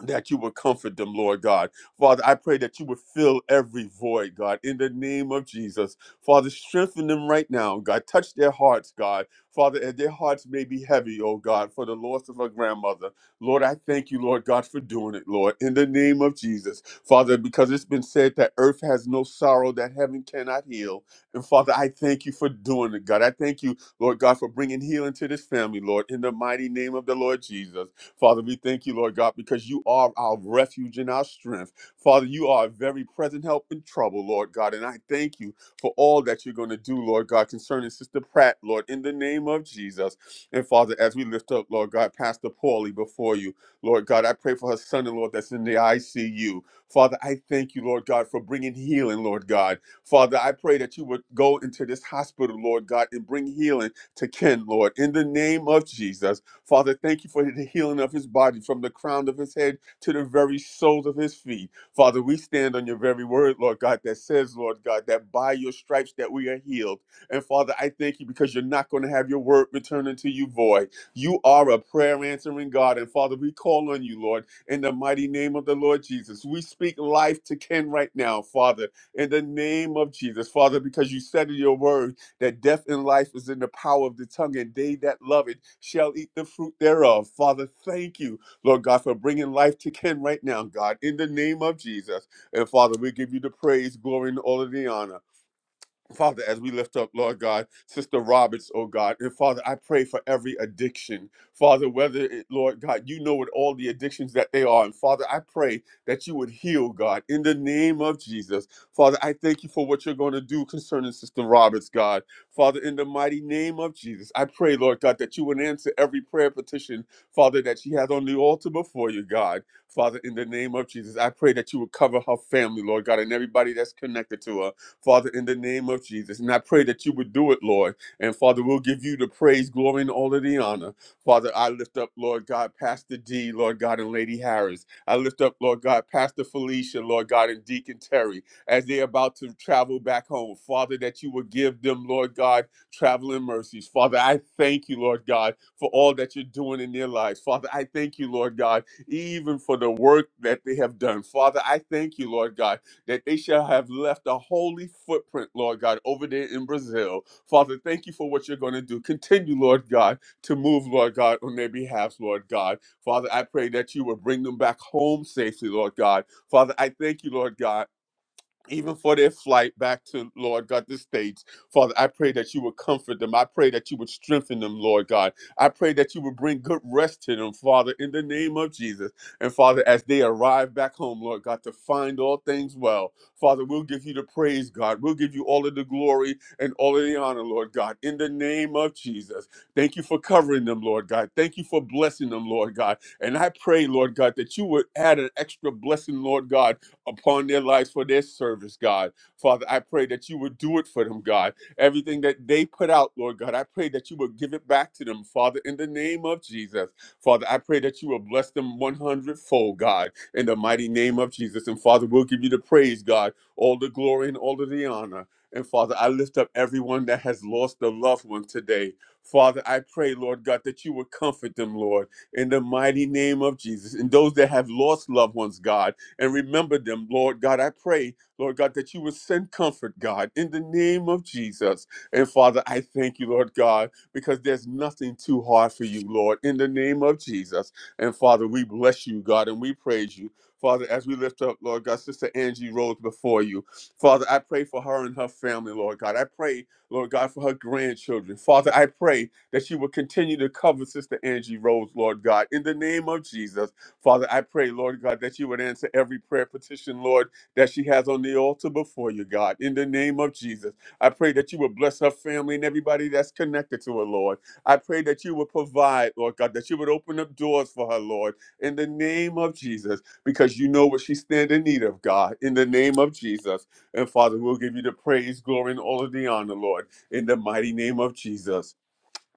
B: that you would comfort them, Lord God. Father, I pray that you would fill every void, God, in the name of Jesus. Father, strengthen them right now, God. Touch their hearts, God. Father, and their hearts may be heavy, oh God, for the loss of a grandmother. Lord, I thank you, Lord God, for doing it, Lord, in the name of Jesus. Father, because it's been said that earth has no sorrow that heaven cannot heal. And Father, I thank you for doing it, God. I thank you, Lord God, for bringing healing to this family, Lord, in the mighty name of the Lord Jesus. Father, we thank you, Lord God, because you are our refuge and our strength. Father, you are a very present help in trouble, Lord God. And I thank you for all that you're going to do, Lord God, concerning Sister Pratt, Lord, in the name of Jesus. And Father, as we lift up, Lord God, Pastor Paulie before you, Lord God, I pray for her son and Lord that's in the ICU. Father, I thank you, Lord God, for bringing healing, Lord God. Father, I pray that you would go into this hospital, Lord God, and bring healing to Ken, Lord, in the name of Jesus. Father, thank you for the healing of his body from the crown of his head to the very soles of his feet. Father, we stand on your very word, Lord God, that says, Lord God, that by your stripes that we are healed. And Father, I thank you because you're not going to have your word return unto you void. You are a prayer answering God. And Father, we call on you, Lord, in the mighty name of the Lord Jesus. We speak life to Ken right now, Father, in the name of Jesus, Father, because you said in your word that death and life is in the power of the tongue, and they that love it shall eat the fruit thereof. Father, thank you, Lord God, for bringing life to Ken right now, God, in the name of Jesus. And Father, we give you the praise, glory, and all of the honor. Father, as we lift up, Lord God, Sister Roberts, oh God, and Father, I pray for every addiction. Father, whether it, Lord God, you know what all the addictions that they are. And Father, I pray that you would heal, God, in the name of Jesus. Father, I thank you for what you're going to do concerning Sister Roberts, God. Father, in the mighty name of Jesus, I pray, Lord God, that you would answer every prayer petition, Father, that she has on the altar before you, God. Father, in the name of Jesus, I pray that you would cover her family, Lord God, and everybody that's connected to her. Father, in the name of Jesus. And I pray that you would do it, Lord. And Father, we'll give you the praise, glory, and all of the honor. Father, I lift up, Lord God, Pastor D, Lord God, and Lady Harris. I lift up, Lord God, Pastor Felicia, Lord God, and Deacon Terry as they're about to travel back home. Father, that you would give them, Lord God, traveling mercies. Father, I thank you, Lord God, for all that you're doing in their lives. Father, I thank you, Lord God, even for the work that they have done. Father, I thank you, Lord God, that they shall have left a holy footprint, Lord God, over there in Brazil. Father, thank you for what you're going to do. Continue, Lord God, to move, Lord God, on their behalf, Lord God. Father, I pray that you will bring them back home safely, Lord God. Father, I thank you, Lord God even for their flight back to Lord God the states. Father, I pray that you would comfort them. I pray that you would strengthen them, Lord God. I pray that you would bring good rest to them, Father, in the name of Jesus. And Father, as they arrive back home, Lord God, to find all things well, Father, we'll give you the praise, God. We'll give you all of the glory and all of the honor, Lord God, in the name of Jesus. Thank you for covering them, Lord God. Thank you for blessing them, Lord God. And I pray, Lord God, that you would add an extra blessing, Lord God upon their lives for their service, God. Father, I pray that you would do it for them, God. Everything that they put out, Lord God, I pray that you would give it back to them, Father, in the name of Jesus. Father, I pray that you will bless them one hundredfold, God, in the mighty name of Jesus. And Father, we'll give you the praise, God, all the glory and all of the honor. And Father, I lift up everyone that has lost a loved one today. Father, I pray, Lord God, that you would comfort them, Lord, in the mighty name of Jesus. And those that have lost loved ones, God, and remember them, Lord God. I pray, Lord God, that you would send comfort, God, in the name of Jesus. And Father, I thank you, Lord God, because there's nothing too hard for you, Lord, in the name of Jesus. And Father, we bless you, God, and we praise you. Father, as we lift up, Lord God, Sister Angie Rose before you. Father, I pray for her and her family, Lord God. I pray, Lord God, for her grandchildren. Father, I pray that you will continue to cover Sister Angie Rose, Lord God, in the name of Jesus. Father, I pray, Lord God, that you would answer every prayer petition, Lord, that she has on the altar before you, God, in the name of Jesus. I pray that you would bless her family and everybody that's connected to her, Lord. I pray that you would provide, Lord God, that you would open up doors for her, Lord, in the name of Jesus, because you know what she stand in need of, God, in the name of Jesus. And Father, we'll give you the praise, glory, and all of the honor, Lord, in the mighty name of Jesus.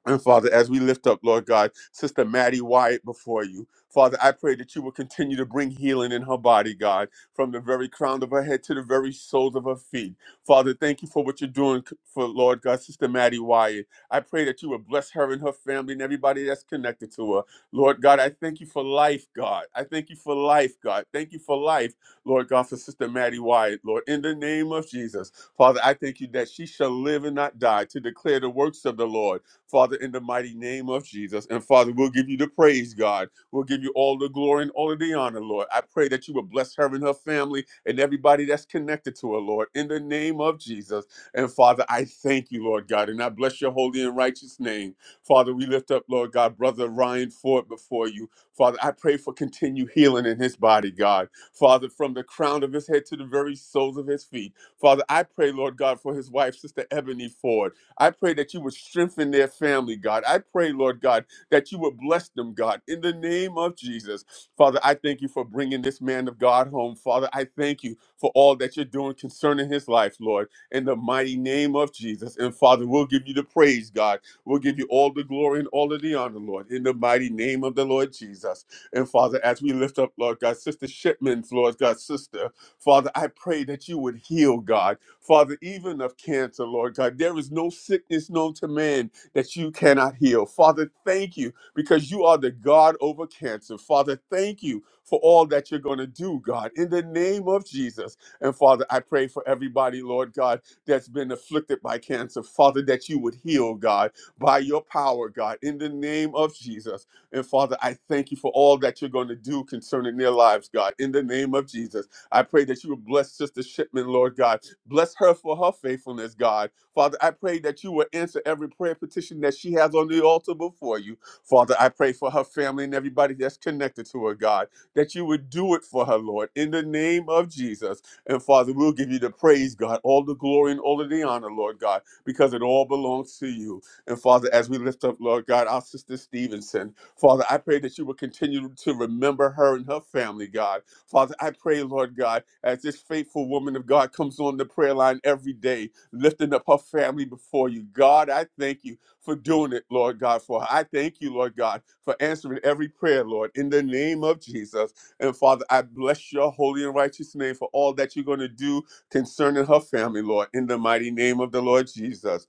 B: And Father, as we lift up, Lord God, Sister Maddie Wyatt before you, Father, I pray that you will continue to bring healing in her body, God, from the very crown of her head to the very soles of her feet. Father, thank you for what you're doing for, Lord God, Sister Maddie Wyatt. I pray that you will bless her and her family and everybody that's connected to her. Lord God, I thank you for life, God. I thank you for life, God. Thank you for life, Lord God, for Sister Maddie Wyatt, Lord. In the name of Jesus, Father, I thank you that she shall live and not die to declare the works of the Lord. Father, in the mighty name of Jesus. And Father, we'll give you the praise, God. We'll give you all the glory and all of the honor, Lord. I pray that you will bless her and her family and everybody that's connected to her, Lord, in the name of Jesus. And Father, I thank you, Lord God, and I bless your holy and righteous name. Father, we lift up, Lord God, Brother Ryan Ford before you. Father, I pray for continued healing in his body, God. Father, from the crown of his head to the very soles of his feet. Father, I pray, Lord God, for his wife, Sister Ebony Ford. I pray that you would strengthen their family, God. I pray, Lord God, that you would bless them, God, in the name of Jesus. Father, I thank you for bringing this man of God home. Father, I thank you for all that you're doing concerning his life, Lord, in the mighty name of Jesus. And Father, we'll give you the praise, God. We'll give you all the glory and all of the honor, Lord, in the mighty name of the Lord Jesus. And Father, as we lift up, Lord God, Sister Shipman's, Lord God, sister, Father, I pray that you would heal, God. Father, even of cancer, Lord God, there is no sickness known to man that you cannot heal. Father, thank you because you are the God over cancer. Father, thank you for all that you're going to do, God, in the name of Jesus. And Father, I pray for everybody, Lord God, that's been afflicted by cancer. Father, that you would heal, God, by your power, God, in the name of Jesus. And Father, I thank you for all that you're going to do concerning their lives, God, in the name of Jesus. I pray that you would bless Sister Shipman, Lord God. Bless her for her faithfulness, God. Father, I pray that you will answer every prayer petition that she has on the altar before you. Father, I pray for her family and everybody that's connected to her, God, that you would do it for her, Lord, in the name of Jesus. And Father, we'll give you the praise, God, all the glory and all of the honor, Lord God, because it all belongs to you. And Father, as we lift up, Lord God, our sister Stevenson, Father, I pray that you will continue to remember her and her family, God. Father, I pray, Lord God, as this faithful woman of God comes on the prayer line every day, lifting up her family before you. God, I thank you for doing it, Lord God, for her. I thank you, Lord God, for answering every prayer, Lord, in the name of Jesus. And Father, I bless your holy and righteous name for all that you're going to do concerning her family, Lord, in the mighty name of the Lord Jesus.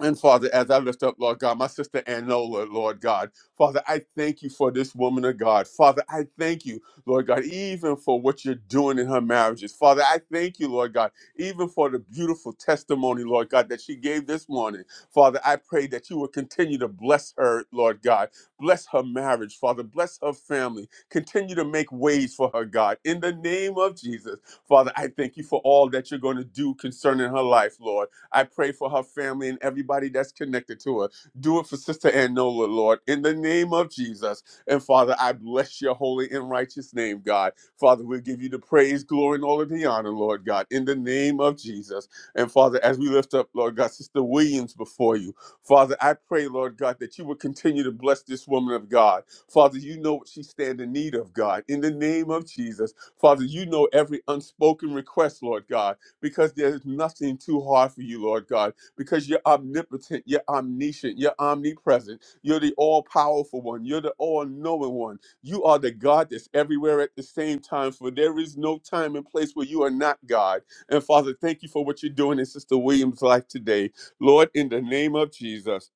B: And Father, as I lift up, Lord God, my sister Anola, Lord God, Father, I thank you for this woman of God. Father, I thank you, Lord God, even for what you're doing in her marriages. Father, I thank you, Lord God, even for the beautiful testimony, Lord God, that she gave this morning. Father, I pray that you will continue to bless her, Lord God. Bless her marriage, Father. Bless her family. Continue to make ways for her, God. In the name of Jesus, Father, I thank you for all that you're going to do concerning her life, Lord. I pray for her family and everybody that's connected to her. Do it for Sister Anola, Lord, in the name of Jesus. And Father, I bless your holy and righteous name, God. Father, we give you the praise, glory, and all of the honor, Lord God, in the name of Jesus. And Father, as we lift up, Lord God, Sister Williams before you, Father, I pray, Lord God, that you would continue to bless this woman of God. Father, you know what she stands in need of, God, in the name of Jesus. Father, you know every unspoken request, Lord God because there's nothing too hard for you, Lord God, because you're omnipotent, you're omniscient, you're omnipresent, you're the all powerful one, you're the all knowing one. You are the God that's everywhere at the same time, for there is no time and place where you are not God. And Father, thank you for what you're doing in Sister Williams' life today. Lord, in the name of Jesus.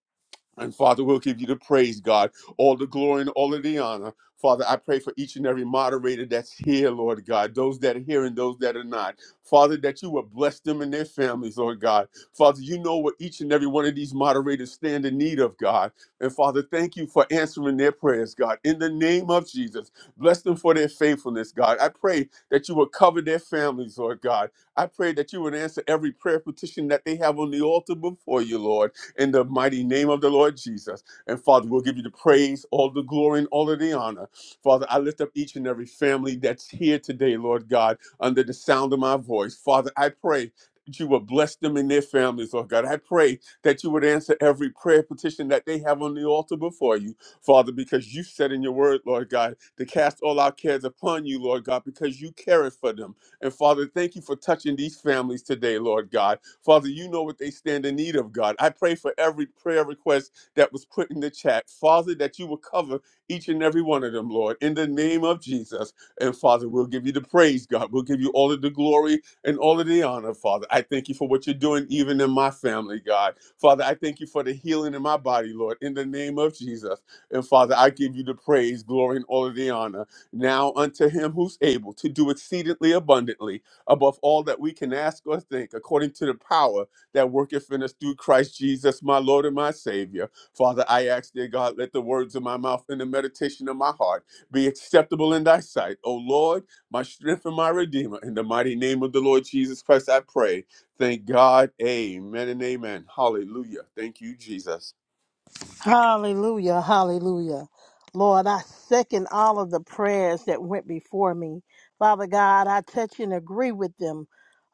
B: And Father, we'll give you the praise, God, all the glory and all of the honor. Father, I pray for each and every moderator that's here, Lord God, those that are here and those that are not. Father, that you will bless them and their families, Lord God. Father, you know what each and every one of these moderators stand in need of, God. And Father, thank you for answering their prayers, God. In the name of Jesus, bless them for their faithfulness, God. I pray that you will cover their families, Lord God. I pray that you would answer every prayer petition that they have on the altar before you, Lord in the mighty name of the Lord Jesus. And Father, we'll give you the praise, all the glory, and all of the honor. Father, I lift up each and every family that's here today, Lord God, under the sound of my voice. Father, I pray. that You will bless them and their families, Lord God. I pray that you would answer every prayer petition that they have on the altar before you, Father, because you said in your word, Lord God, to cast all our cares upon you, Lord God, because you care for them. And Father, thank you for touching these families today, Lord God. Father, you know what they stand in need of, God. I pray for every prayer request that was put in the chat, Father, that you will cover each and every one of them, Lord, in the name of Jesus. And Father, we'll give you the praise, God. We'll give you all of the glory and all of the honor, Father. I thank you for what you're doing, even in my family, God. Father, I thank you for the healing in my body, Lord, in the name of Jesus. And Father, I give you the praise, glory, and all of the honor. Now unto him who's able to do exceedingly abundantly above all that we can ask or think, according to the power that worketh in us through Christ Jesus, my Lord and my Savior. Father, I ask, dear God, let the words of my mouth and the meditation of my heart be acceptable in thy sight. O Lord, my strength and my redeemer. In the mighty name of the Lord Jesus Christ, I pray. Thank God. Amen and amen. Hallelujah. Thank you, Jesus.
I: Hallelujah, hallelujah. Lord, I second all of the prayers that went before me. Father God, I touch and agree with them.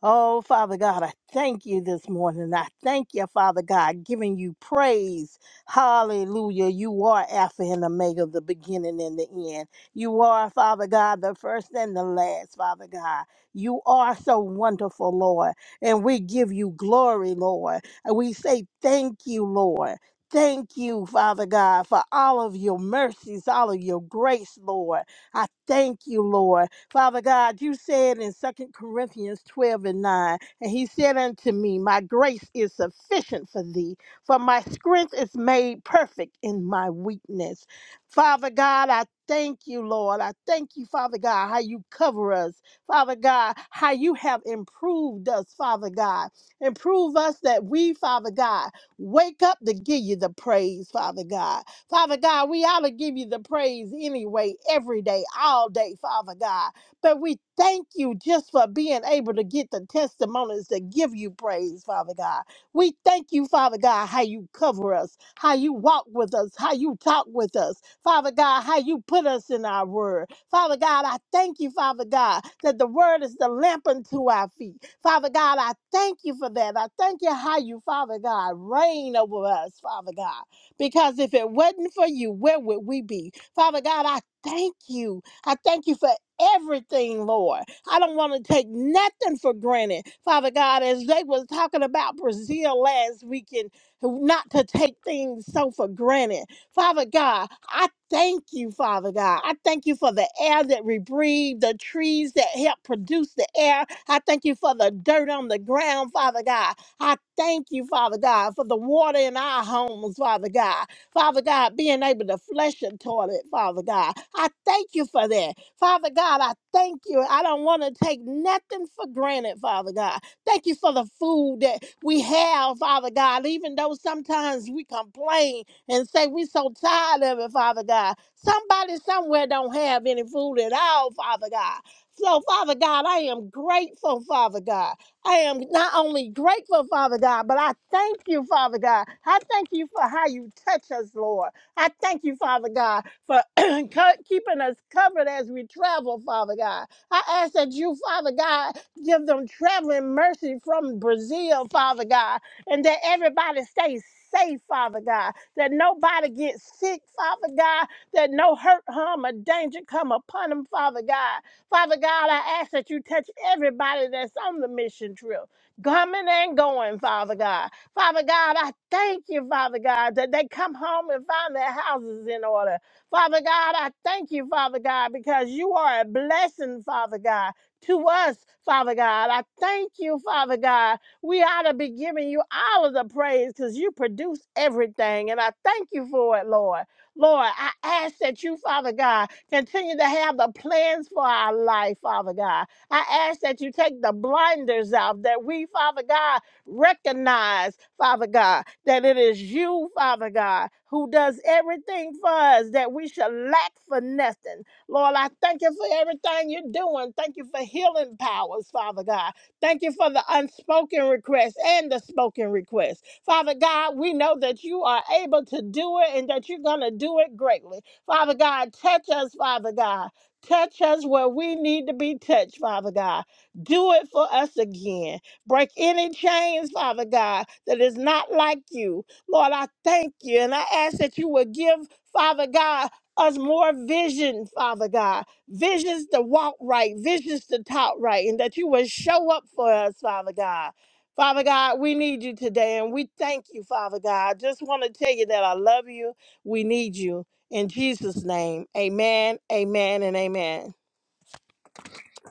I: Oh, Father God, I thank you this morning. I thank you, Father God, giving you praise. Hallelujah. You are Alpha and Omega, the beginning and the end. You are, Father God, the first and the last, Father God. You are so wonderful, Lord. And we give you glory, Lord. And we say thank you, Lord. Thank you, Father God, for all of your mercies, all of your grace, Lord. I thank you, Lord. Father God, you said in Second Corinthians 12 and 9, and he said unto me, My grace is sufficient for thee, for my strength is made perfect in my weakness. Father God, I thank you, Lord. I thank you, Father God, how you cover us. Father God, how you have improved us, Father God. Improve us that we, Father God, Wake up to give you the praise, Father God. Father God, we ought to give you the praise anyway, every day, all day, Father God. But we thank you just for being able to get the testimonies to give you praise, Father God. We thank you, Father God, how you cover us, how you walk with us, how you talk with us. Father God, how you put us in our word. Father God, I thank you, Father God, that the word is the lamp unto our feet. Father God, I thank you for that. I thank you how you, Father God, reign over us, Father God. Because if it wasn't for you, where would we be? Father God, I thank you I thank you for everything, Lord. I don't want to take nothing for granted. Father God, as they was talking about Brazil last weekend, not to take things so for granted. Father God, I thank you, Father God. I thank you for the air that we breathe, the trees that help produce the air. I thank you for the dirt on the ground, Father God. I thank you, Father God, for the water in our homes, Father God. Father God, being able to flush a toilet, Father God. I thank you for that. Father God, I thank you. I don't want to take nothing for granted, Father God. Thank you for the food that we have, Father God, even though sometimes we complain and say we so tired of it, Father God. Somebody somewhere don't have any food at all, Father God. So, Father God, I am grateful, Father God. I am not only grateful, Father God, but I thank you, Father God. I thank you for how you touch us, Lord. I thank you, Father God, for co- keeping us covered as we travel, Father God. I ask that you, Father God, give them traveling mercy from Brazil, Father God, and that everybody stays safe, Father God, that nobody gets sick, Father God, that no hurt, harm, or danger come upon them, Father God. Father God, I ask that you touch everybody that's on the mission trip, coming and going, Father God. Father God, I thank you, Father God, that they come home and find their houses in order. Father God, I thank you, Father God, because you are a blessing, Father God, to us, Father God. I thank you, Father God. We ought to be giving you all of the praise because you produce everything. And I thank you for it, Lord. Lord, I ask that you, Father God, Continue to have the plans for our life, Father God. I ask that you take the blinders out, that we, Father God, recognize, Father God, that it is you, Father God, who does everything for us, that we shall lack for nothing. Lord, I thank you for everything you're doing. Thank you for healing powers, Father God. Thank you for the unspoken request and the spoken request. Father God, we know that you are able to do it and that you're going to do it greatly. Father God, touch us, Father God. Touch us where we need to be touched, Father God. Do it for us again. Break any chains, Father God, that is not like you. Lord, I thank you and I ask that you would give, Father God, us more vision, Father God. Visions to walk right, visions to talk right, and that you would show up for us, Father God. Father God, we need you today and we thank you, Father God. Just want to tell you that I love you. We need you. In Jesus' name, amen, amen, and amen.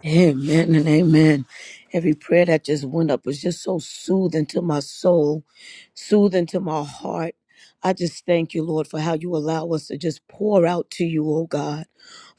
D: Amen and amen. Every prayer that just went up was just so soothing to my soul, soothing to my heart. I just thank you, Lord, for how you allow us to just pour out to you, oh God.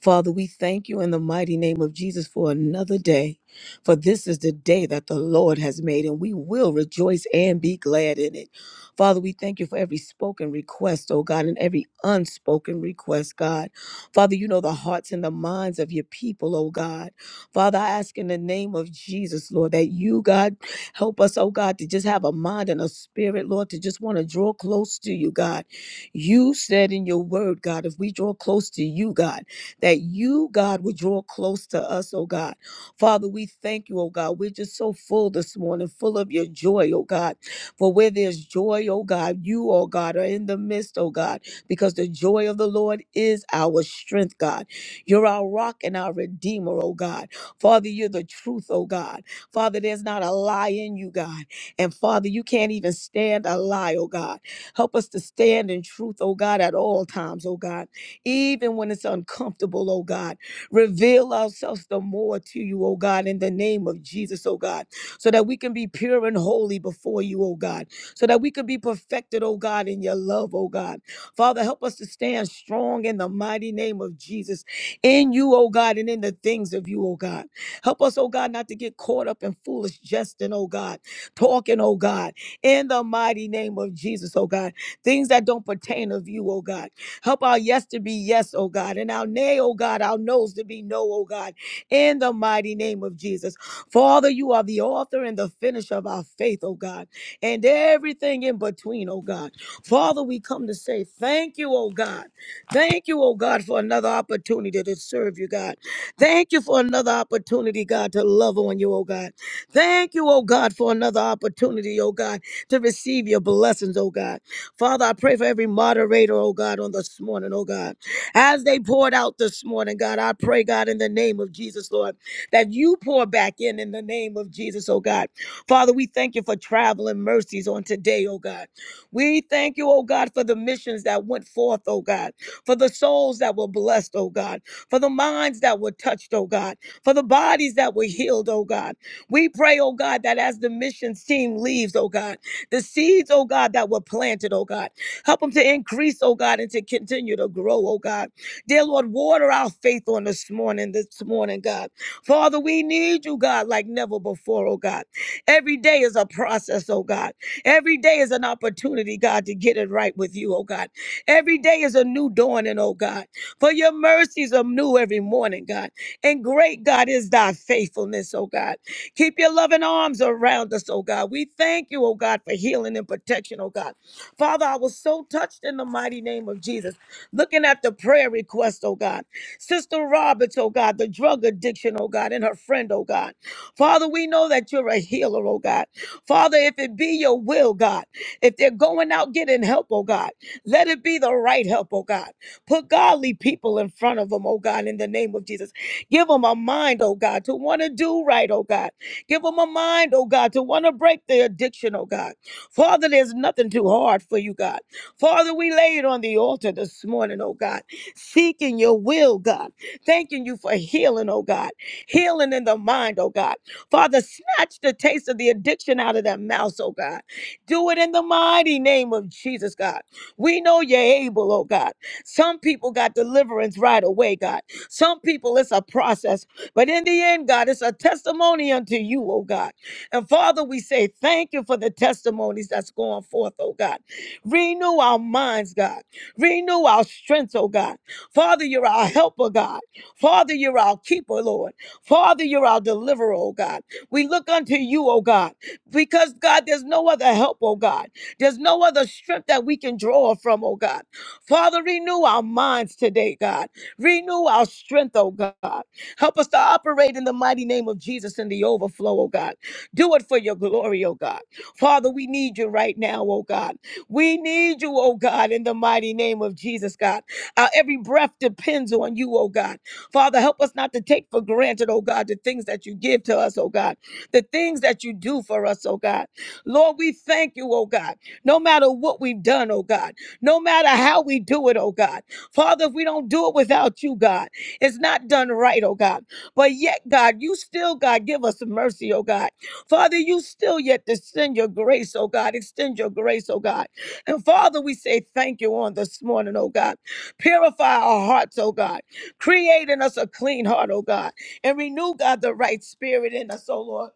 D: Father, we thank you in the mighty name of Jesus for another day. For this is the day that the Lord has made, and we will rejoice and be glad in it. Father, we thank you for every spoken request, oh God, and every unspoken request, God. Father, you know the hearts and the minds of your people, oh God. Father, I ask in the name of Jesus, Lord, that you, God, help us, oh God, to just have a mind and a spirit, Lord, to just want to draw close to you, God. You said in your word, God, if we draw close to you, God, that you, God, would draw close to us, oh God. Father, we thank you, oh God. We're just so full this morning, full of your joy, oh God. For where there's joy, oh God, you, oh God, are in the midst, oh God, because the joy of the Lord is our strength, God. You're our rock and our redeemer, oh God. Father, you're the truth, oh God. Father, there's not a lie in you, God. And Father, you can't even stand a lie, oh God. Help us to stand in truth, oh God, at all times, oh God. Even when it's uncomfortable, oh God. Reveal ourselves the more to you, oh God, in the name of Jesus, oh God, so that we can be pure and holy before you, oh God. So that we can be perfected, oh God, in your love, oh God. Father, help us to stand strong in the mighty name of Jesus, in you, oh God, and in the things of you, oh God. Help us, oh God, not to get caught up in foolish jesting, oh God, talking, oh God, in the mighty name of Jesus, oh God. Things that don't pertain of you, oh God. Help our yes to be yes, oh God, and our nay, oh God, our no's to be no, oh God, in the mighty name of Jesus. Father, you are the author and the finisher of our faith, oh God, and everything in between, oh God. Father, we come to say thank you, oh God. Thank you, oh God, for another opportunity to serve you, God. Thank you for another opportunity, God, to love on you, oh God. Thank you, oh God, for another opportunity, oh God, to receive your blessings, oh God. Father, I pray for every moderator, oh God, on this morning, oh God. As they poured out this morning, God, I pray, God, in the name of Jesus, Lord, that you pour back in in the name of Jesus, oh God. Father, we thank you for traveling mercies on today, oh God. We thank you, oh God, for the missions that went forth, oh God, for the souls that were blessed, oh God for the minds that were touched, oh God, for the bodies that were healed, oh God. We pray, oh God, that as the missions team leaves, oh God, the seeds, oh God, that were planted, oh God, help them to increase, oh God, and to continue to grow, oh God. Dear Lord, water our faith on this morning, this morning, God. Father, we need you, God, like never before, oh God. Every day is a process, oh God. Every day is an opportunity, God, to get it right with you, oh God. Every day is a new dawning, oh God. For your mercies are new every morning, God. And great, God, is thy faithfulness, oh God. Keep your loving arms around us, oh God. We thank you, oh God, for healing and protection, oh God. Father, I was so touched in the mighty name of Jesus. Looking at the prayer request, oh God. Sister Roberts, oh God, the drug addiction, oh God, and her friend, oh God. Father, we know that you're a healer, oh God. Father, if it be your will, God, if they're going out getting help, oh God, let it be the right help, oh God. Put godly people in front of them, oh God, in the name of Jesus. Give them a mind, oh God, to want to do right, oh God. Give them a mind, oh God, to want to break their addiction, oh God. Father, there's nothing too hard for you, God. Father, we lay it on the altar this morning, oh God, seeking your will, God. Thanking you for healing, oh God. Healing in the mind, oh God. Father, snatch the taste of the addiction out of that mouth, oh God. Do it in the mighty name of Jesus, God. We know you're able, oh God. Some people got deliverance right away, God. Some people it's a process, but in the end, God, it's a testimony unto you, oh God. And Father, we say thank you for the testimonies that's going forth, oh God. Renew our minds, God. Renew our strength, oh God. Father, you're our helper, God. Father, you're our keeper, Lord. Father, you're our deliverer, oh God. We look unto you, oh God, because God, there's no other help, oh God. There's no other strength that we can draw from, oh God. Father, renew our minds today, God. Renew our strength, oh God. Help us to operate in the mighty name of Jesus in the overflow, oh God. Do it for your glory, oh God. Father, we need you right now, oh God. We need you, oh God, in the mighty name of Jesus, God. Our every breath depends on you, oh God. Father, help us not to take for granted, oh God, the things that you give to us, oh God, the things that you do for us, oh God. Lord, we thank you, oh God, no matter what we've done, oh God no matter how we do it, oh God. Father, if we don't do it without you, God, it's not done right, oh God. But yet, God, you still, God, give us mercy, oh God. Father, you still yet to send your grace, oh God. Extend your grace, oh God. And Father, we say thank you on this morning, oh God. Purify our hearts, oh God. Create in us a clean heart, oh God. And renew, God, the right spirit in us, oh Lord.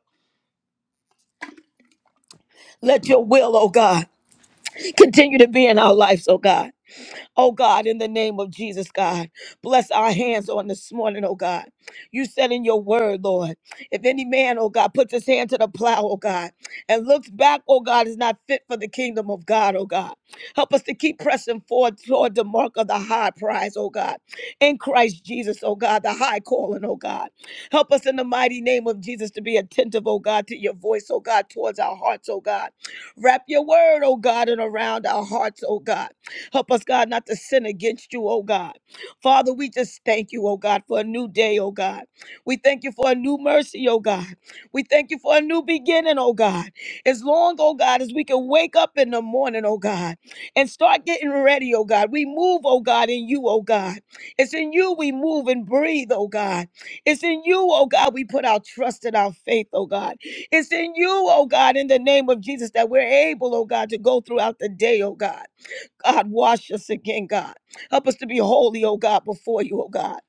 D: Let your will, oh God, continue to be in our lives, oh God. Oh God, in the name of Jesus, God, bless our hands on this morning, oh God. You said in your word, Lord, if any man, oh God, puts his hand to the plow, oh God, and looks back, oh God, is not fit for the kingdom of God, oh God. Help us to keep pressing forward toward the mark of the high prize, oh God, in Christ Jesus, oh God, the high calling, oh God. Help us in the mighty name of Jesus to be attentive, oh God, to your voice, oh God, towards our hearts, oh God. Wrap your word, oh God, and around our hearts, oh God. Help us, God, not to sin against you, oh God. Father, we just thank you, oh God, for a new day, oh God. We thank you for a new mercy, oh God. We thank you for a new beginning, oh God. As long, oh God, as we can wake up in the morning, oh God, and start getting ready, oh God. We move, oh God, in you, oh God. It's in you we move and breathe, oh God. It's in you, oh God, we put our trust and our faith, oh God. It's in you, oh God, in the name of Jesus, that we're able, oh God, to go throughout the day, oh God. God, wash us again, God. Help us to be holy, oh God, before you, oh God.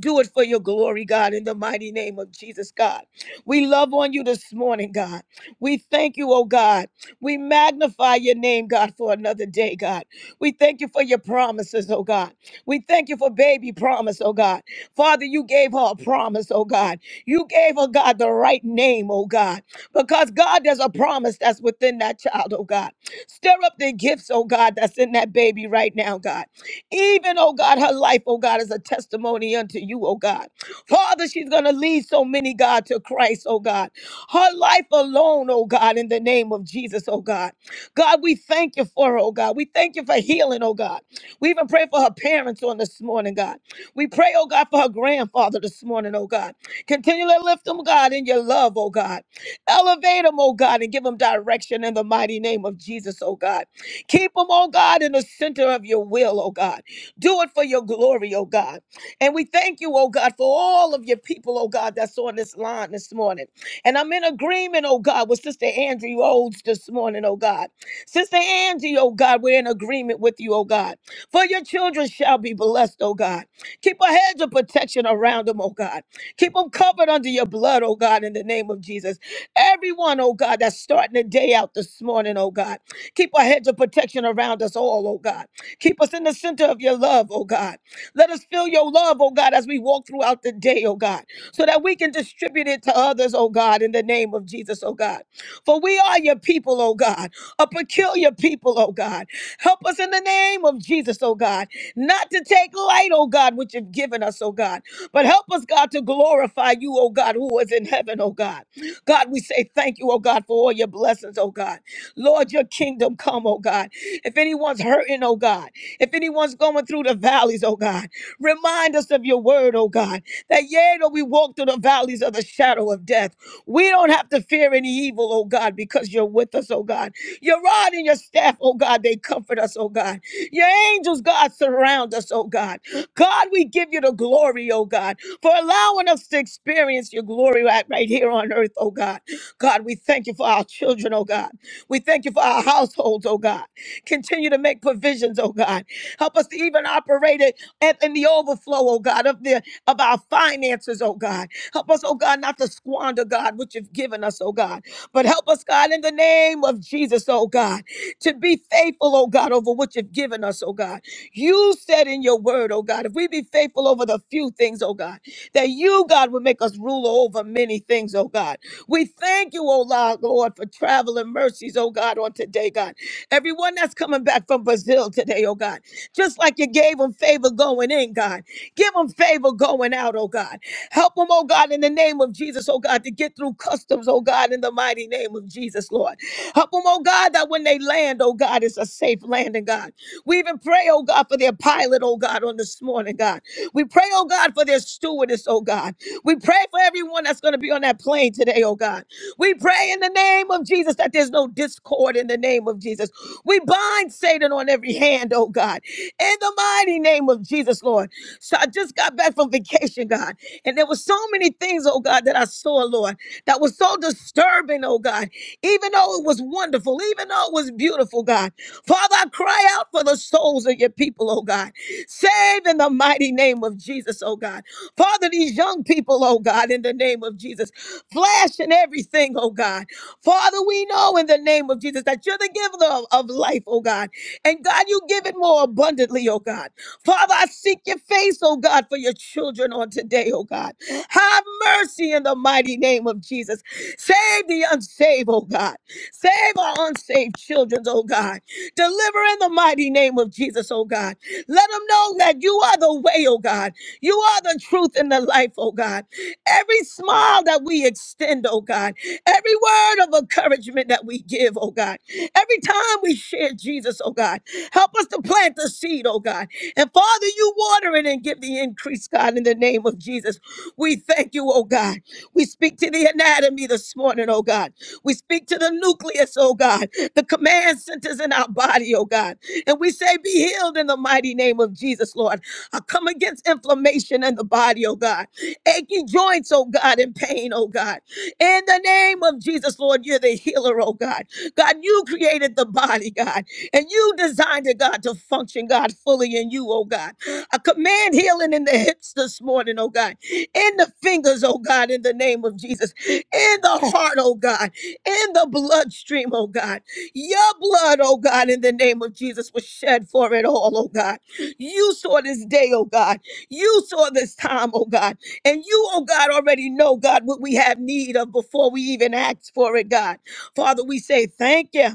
D: Do it for your glory, God, in the mighty name of Jesus, God. We love on you this morning, God. We thank you, oh God. We magnify your name, God, for another day, God. We thank you for your promises, oh God. We thank you for baby promise, oh God. Father, you gave her a promise, oh God. You gave her, God, the right name, oh God. Because, God, there's a promise that's within that child, oh God. Stir up the gifts, oh God, that's in that baby right now, God. Even, oh God, her life, oh God, is a testimony unto you, oh God. Father, she's going to lead so many, God, to Christ, oh God. Her life alone, oh God, in the name of Jesus, oh God. God, we thank you for her, oh God. We thank you for healing, oh God. We even pray for her parents on this morning, God. We pray, oh God, for her grandfather this morning, oh God. Continually lift them, God, in your love, oh God. Elevate them, oh God, and give them direction in the mighty name of Jesus, oh God. Keep them, oh God, in the center of your will, oh God. Do it for your glory, oh God. And we thank you, oh God, for all of your people, oh God, that's on this line this morning. And I'm in agreement, oh God, with Sister Andrew Olds this morning, oh God. Sister Angie, oh God, we're in agreement with you, oh God. For your children shall be blessed, oh God. Keep a hedge of protection around them, oh God. Keep them covered under your blood, oh God, in the name of Jesus. Everyone, oh God, that's starting the day out this morning, oh God. Keep our hedge of protection around us all, oh God. Keep us in the center of your love, oh God. Let us feel your love, oh God, as we walk throughout the day, oh God, so that we can distribute it to others, oh God, in the name of Jesus, oh God. For we are your people, oh God, a peculiar people, oh God. Help us in the name of Jesus, oh God, not to take light, oh God, which you've given us, oh God, but help us, God, to glorify you, oh God, who is in heaven, oh God. God, we say thank you, oh God, for all your blessings, oh God. Lord, your kingdom come, oh God. If anyone's hurting, oh God, if anyone's going through the valleys, oh God, remind us of your word, oh God, that yea, though we walk through the valleys of the shadow of death, we don't have to fear any evil, oh God, because you're with us, oh God. Your rod and your staff, oh God, they comfort us, oh God. Your angels, God, surround us, oh God. God, we give you the glory, oh God for allowing us to experience your glory right, right here on earth, oh God. God, we thank you for our children, oh God. We thank you for our households, oh God. Continue to make provisions, oh God. Help us to even operate it at, in the overflow, oh God, of the of our finances, oh God. Help us, oh God, not to squander, God, what you've given us, oh God. But help us, God, in the name of Jesus, oh God, to be faithful, oh God, over what you've given us, oh God. You said in your word, oh God, if we be faithful over the few things, oh God that you, God, would make us ruler over many things, oh God. We thank you, oh Lord, Lord, for travel and mercies, oh God, on today, God. Everyone that's coming back from Brazil today, oh God, just like you gave them favor going in, God, give them favor going out, oh God. Help them, oh God, in the name of Jesus, oh God, to get through customs, oh God, in the mighty name of Jesus, Lord. Help them, oh God, that when they land, oh God, it's a safe landing, God. We even pray, oh God, for their pilot, oh God, on this morning, God. We pray, oh God, for their stewardess, oh God. We pray for everyone that's going to be on that plane today, oh God. We pray in the name of Jesus that there's no discord in the name of Jesus. We bind Satan on every hand, oh God. In the mighty name of Jesus, Lord. So I just got back from vacation, God. And there were so many things, oh God, that I saw, Lord, that was so disturbing, oh God. Even though it was wonderful, even though it was beautiful, God. Father, I cry out for the souls of your people, oh God. Save in the mighty name of Jesus, oh God. Father, these young people, oh God, in the name of Jesus, flesh and everything, oh God. Father, we know in the name of Jesus that you're the giver of, of life, oh God. And God, you give it more abundantly, oh God. Father, I seek your face, oh God, for your children on today, oh God. Have mercy in the mighty name of Jesus. Save the unsaved, oh God. Save our unsaved children, oh God. Deliver in the mighty name of Jesus, oh God. Let them know that you are the way, oh God. You are the truth and the life, oh God. Every smile that we extend, oh God. Every word of encouragement that we give, oh God. Every time we share Jesus, oh God. Help us to plant the seed, oh God. And Father, you water it and give the increase, God, in the name of Jesus. We thank you, oh God. We speak to the anatomy this morning, oh God. We speak to the nucleus, oh God. The command centers in our body, oh God. And we say, Be healed in the mighty name of Jesus, Lord. I come against inflammation in the body, oh God. Achy joints, oh God, and pain, oh God. In the name of Jesus, Lord, you're the healer, oh God. God, you created the body, God, and you designed it, God, to function, God, fully in you, oh God. I command healing in the hips this morning, oh God. In the fingers, oh God, in the name of Jesus. In the heart, oh God. In the bloodstream, oh God your blood, oh God, in the name of Jesus was shed for it all, oh God. You saw this day, oh God. You saw this time, oh God. And you, oh God, already know, God, what we have need of before we even ask for it, God. Father, we say thank you.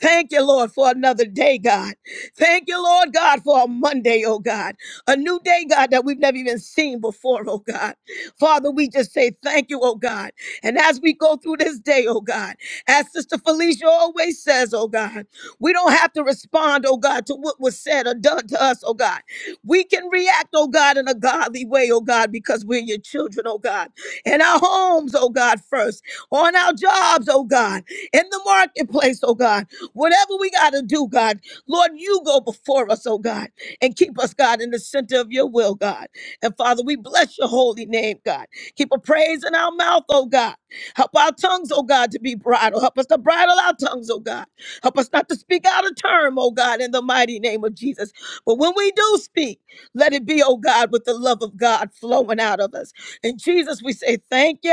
D: Thank you, Lord, for another day, God. Thank you, Lord God, for a Monday, oh God. A new day, God, that we've never even seen before, oh God. Father, we just say thank you, oh God. And as we go through this day, oh God, as Sister Felicia always says, oh God, we don't have to respond, oh God, to what was said or done to us, oh God. We can react, oh God, in a godly way, oh God, because we're your children, oh God. In our homes, oh God, first. On our jobs, oh God. In the marketplace, oh God Whatever we got to do, God, Lord, you go before us, oh God, and keep us, God, in the center of your will, God. And Father, we bless your holy name, God. Keep a praise in our mouth, oh God. Help our tongues, oh God, to be bridled. Help us to bridle our tongues, oh God. Help us not to speak out of term, oh God, in the mighty name of Jesus. But when we do speak, let it be, oh God, with the love of God flowing out of us. And Jesus, we say thank you.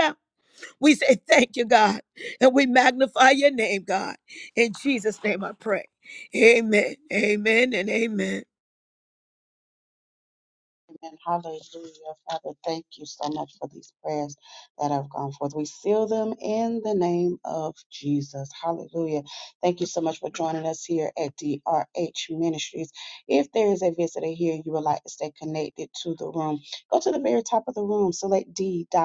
D: We say thank you, God, and we magnify your name, God. In Jesus' name I pray. Amen, amen, and amen.
A: Amen. Hallelujah. Father, thank you so much for these prayers that have gone forth. We seal them in the name of Jesus. Hallelujah. Thank you so much for joining us here at DRH Ministries. If there is a visitor here and you would like to stay connected to the room, go to the very top of the room, select D.R.H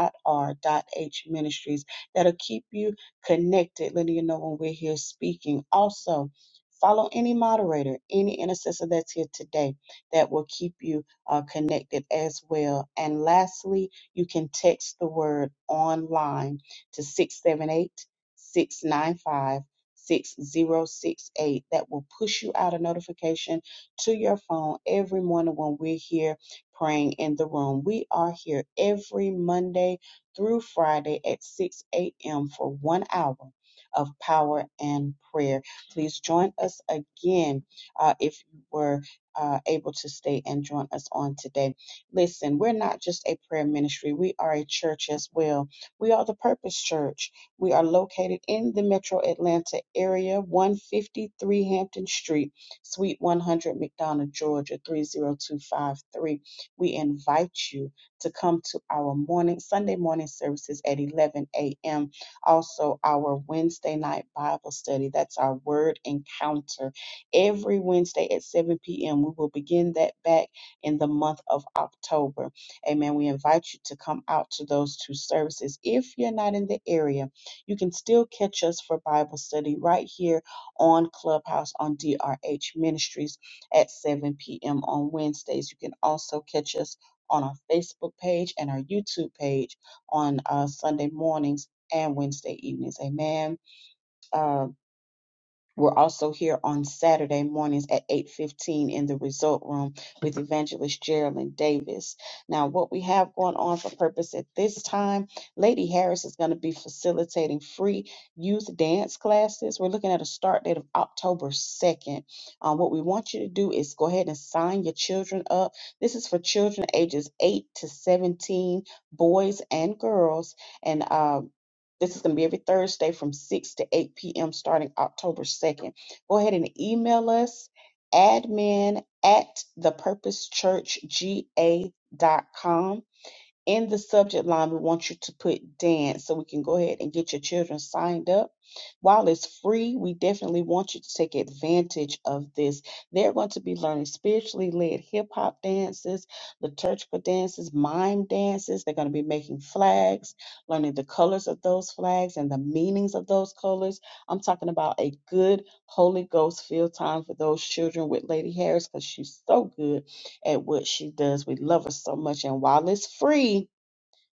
A: Ministries. That'll keep you connected, letting you know when we're here speaking. Also, follow any moderator, any intercessor that's here today that will keep you uh, connected as well. And lastly, you can text the word online to 678 695 6068. That will push you out a notification to your phone every morning when we're here praying in the room. We are here every Monday through Friday at 6 a.m. for one hour of power and prayer. Please join us again uh, if you were uh, able to stay and join us on today. Listen, we're not just a prayer ministry, we are a church as well. We are the Purpose Church. We are located in the metro Atlanta area, 153 Hampton Street, Suite 100, McDonough, Georgia, 30253. We invite you to come to our morning, Sunday morning services at 11 a.m. Also, our Wednesday night Bible study. That's our word encounter every Wednesday at 7 p.m. We will begin that back in the month of October. Amen. We invite you to come out to those two services. If you're not in the area, you can still catch us for Bible study right here on Clubhouse on DRH Ministries at 7 p.m. on Wednesdays. You can also catch us on our Facebook page and our YouTube page on uh, Sunday mornings and Wednesday evenings. Amen Um, we're also here on Saturday mornings at 8:15 in the result room with evangelist Geraldine Davis. Now, what we have going on for purpose at this time, Lady Harris is going to be facilitating free youth dance classes. We're looking at a start date of October 2nd. Um, what we want you to do is go ahead and sign your children up. This is for children ages 8 to 17, boys and girls. And uh, this is going to be every Thursday from 6 to 8 p.m. starting October 2nd. Go ahead and email us admin at the purpose church g a dot com in the subject line, we want you to put dance so we can go ahead and get your children signed up. While it's free, we definitely want you to take advantage of this. They're going to be learning spiritually led hip hop dances, liturgical dances, mime dances. They're going to be making flags, learning the colors of those flags and the meanings of those colors. I'm talking about a good Holy Ghost field time for those children with Lady Harris because she's so good at what she does. We love her so much. And while it's free,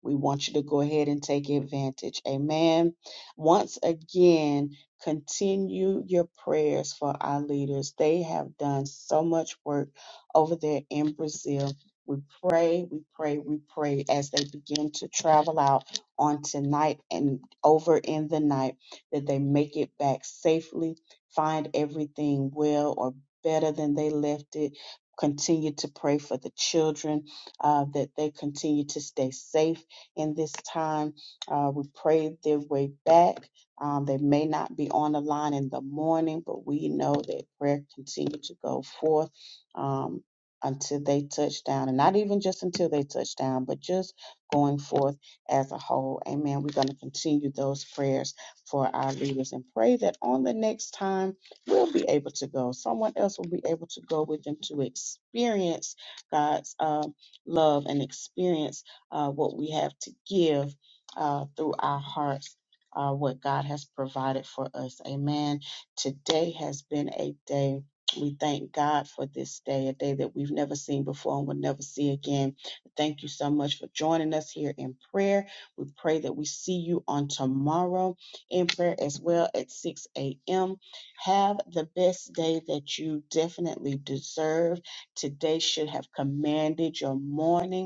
A: we want you to go ahead and take advantage. Amen. Once again, continue your prayers for our leaders. They have done so much work over there in Brazil. We pray, we pray, we pray as they begin to travel out on tonight and over in the night that they make it back safely, find everything well or better than they left it. Continue to pray for the children uh, that they continue to stay safe in this time. Uh, we prayed their way back. Um, they may not be on the line in the morning, but we know that prayer continued to go forth um, until they touch down, and not even just until they touch down, but just going forth as a whole. Amen. We're going to continue those prayers for our leaders and pray that on the next time we'll be able to go. Someone else will be able to go with them to experience God's uh, love and experience uh, what we have to give uh, through our hearts. Uh, what God has provided for us. Amen. Today has been a day. We thank God for this day, a day that we've never seen before and will never see again. Thank you so much for joining us here in prayer. We pray that we see you on tomorrow in prayer as well at 6 a.m. Have the best day that you definitely deserve. Today should have commanded your morning.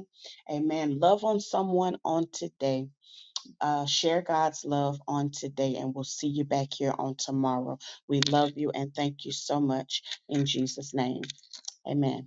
A: Amen. Love on someone on today. Uh, share God's love on today, and we'll see you back here on tomorrow. We love you and thank you so much in Jesus' name. Amen.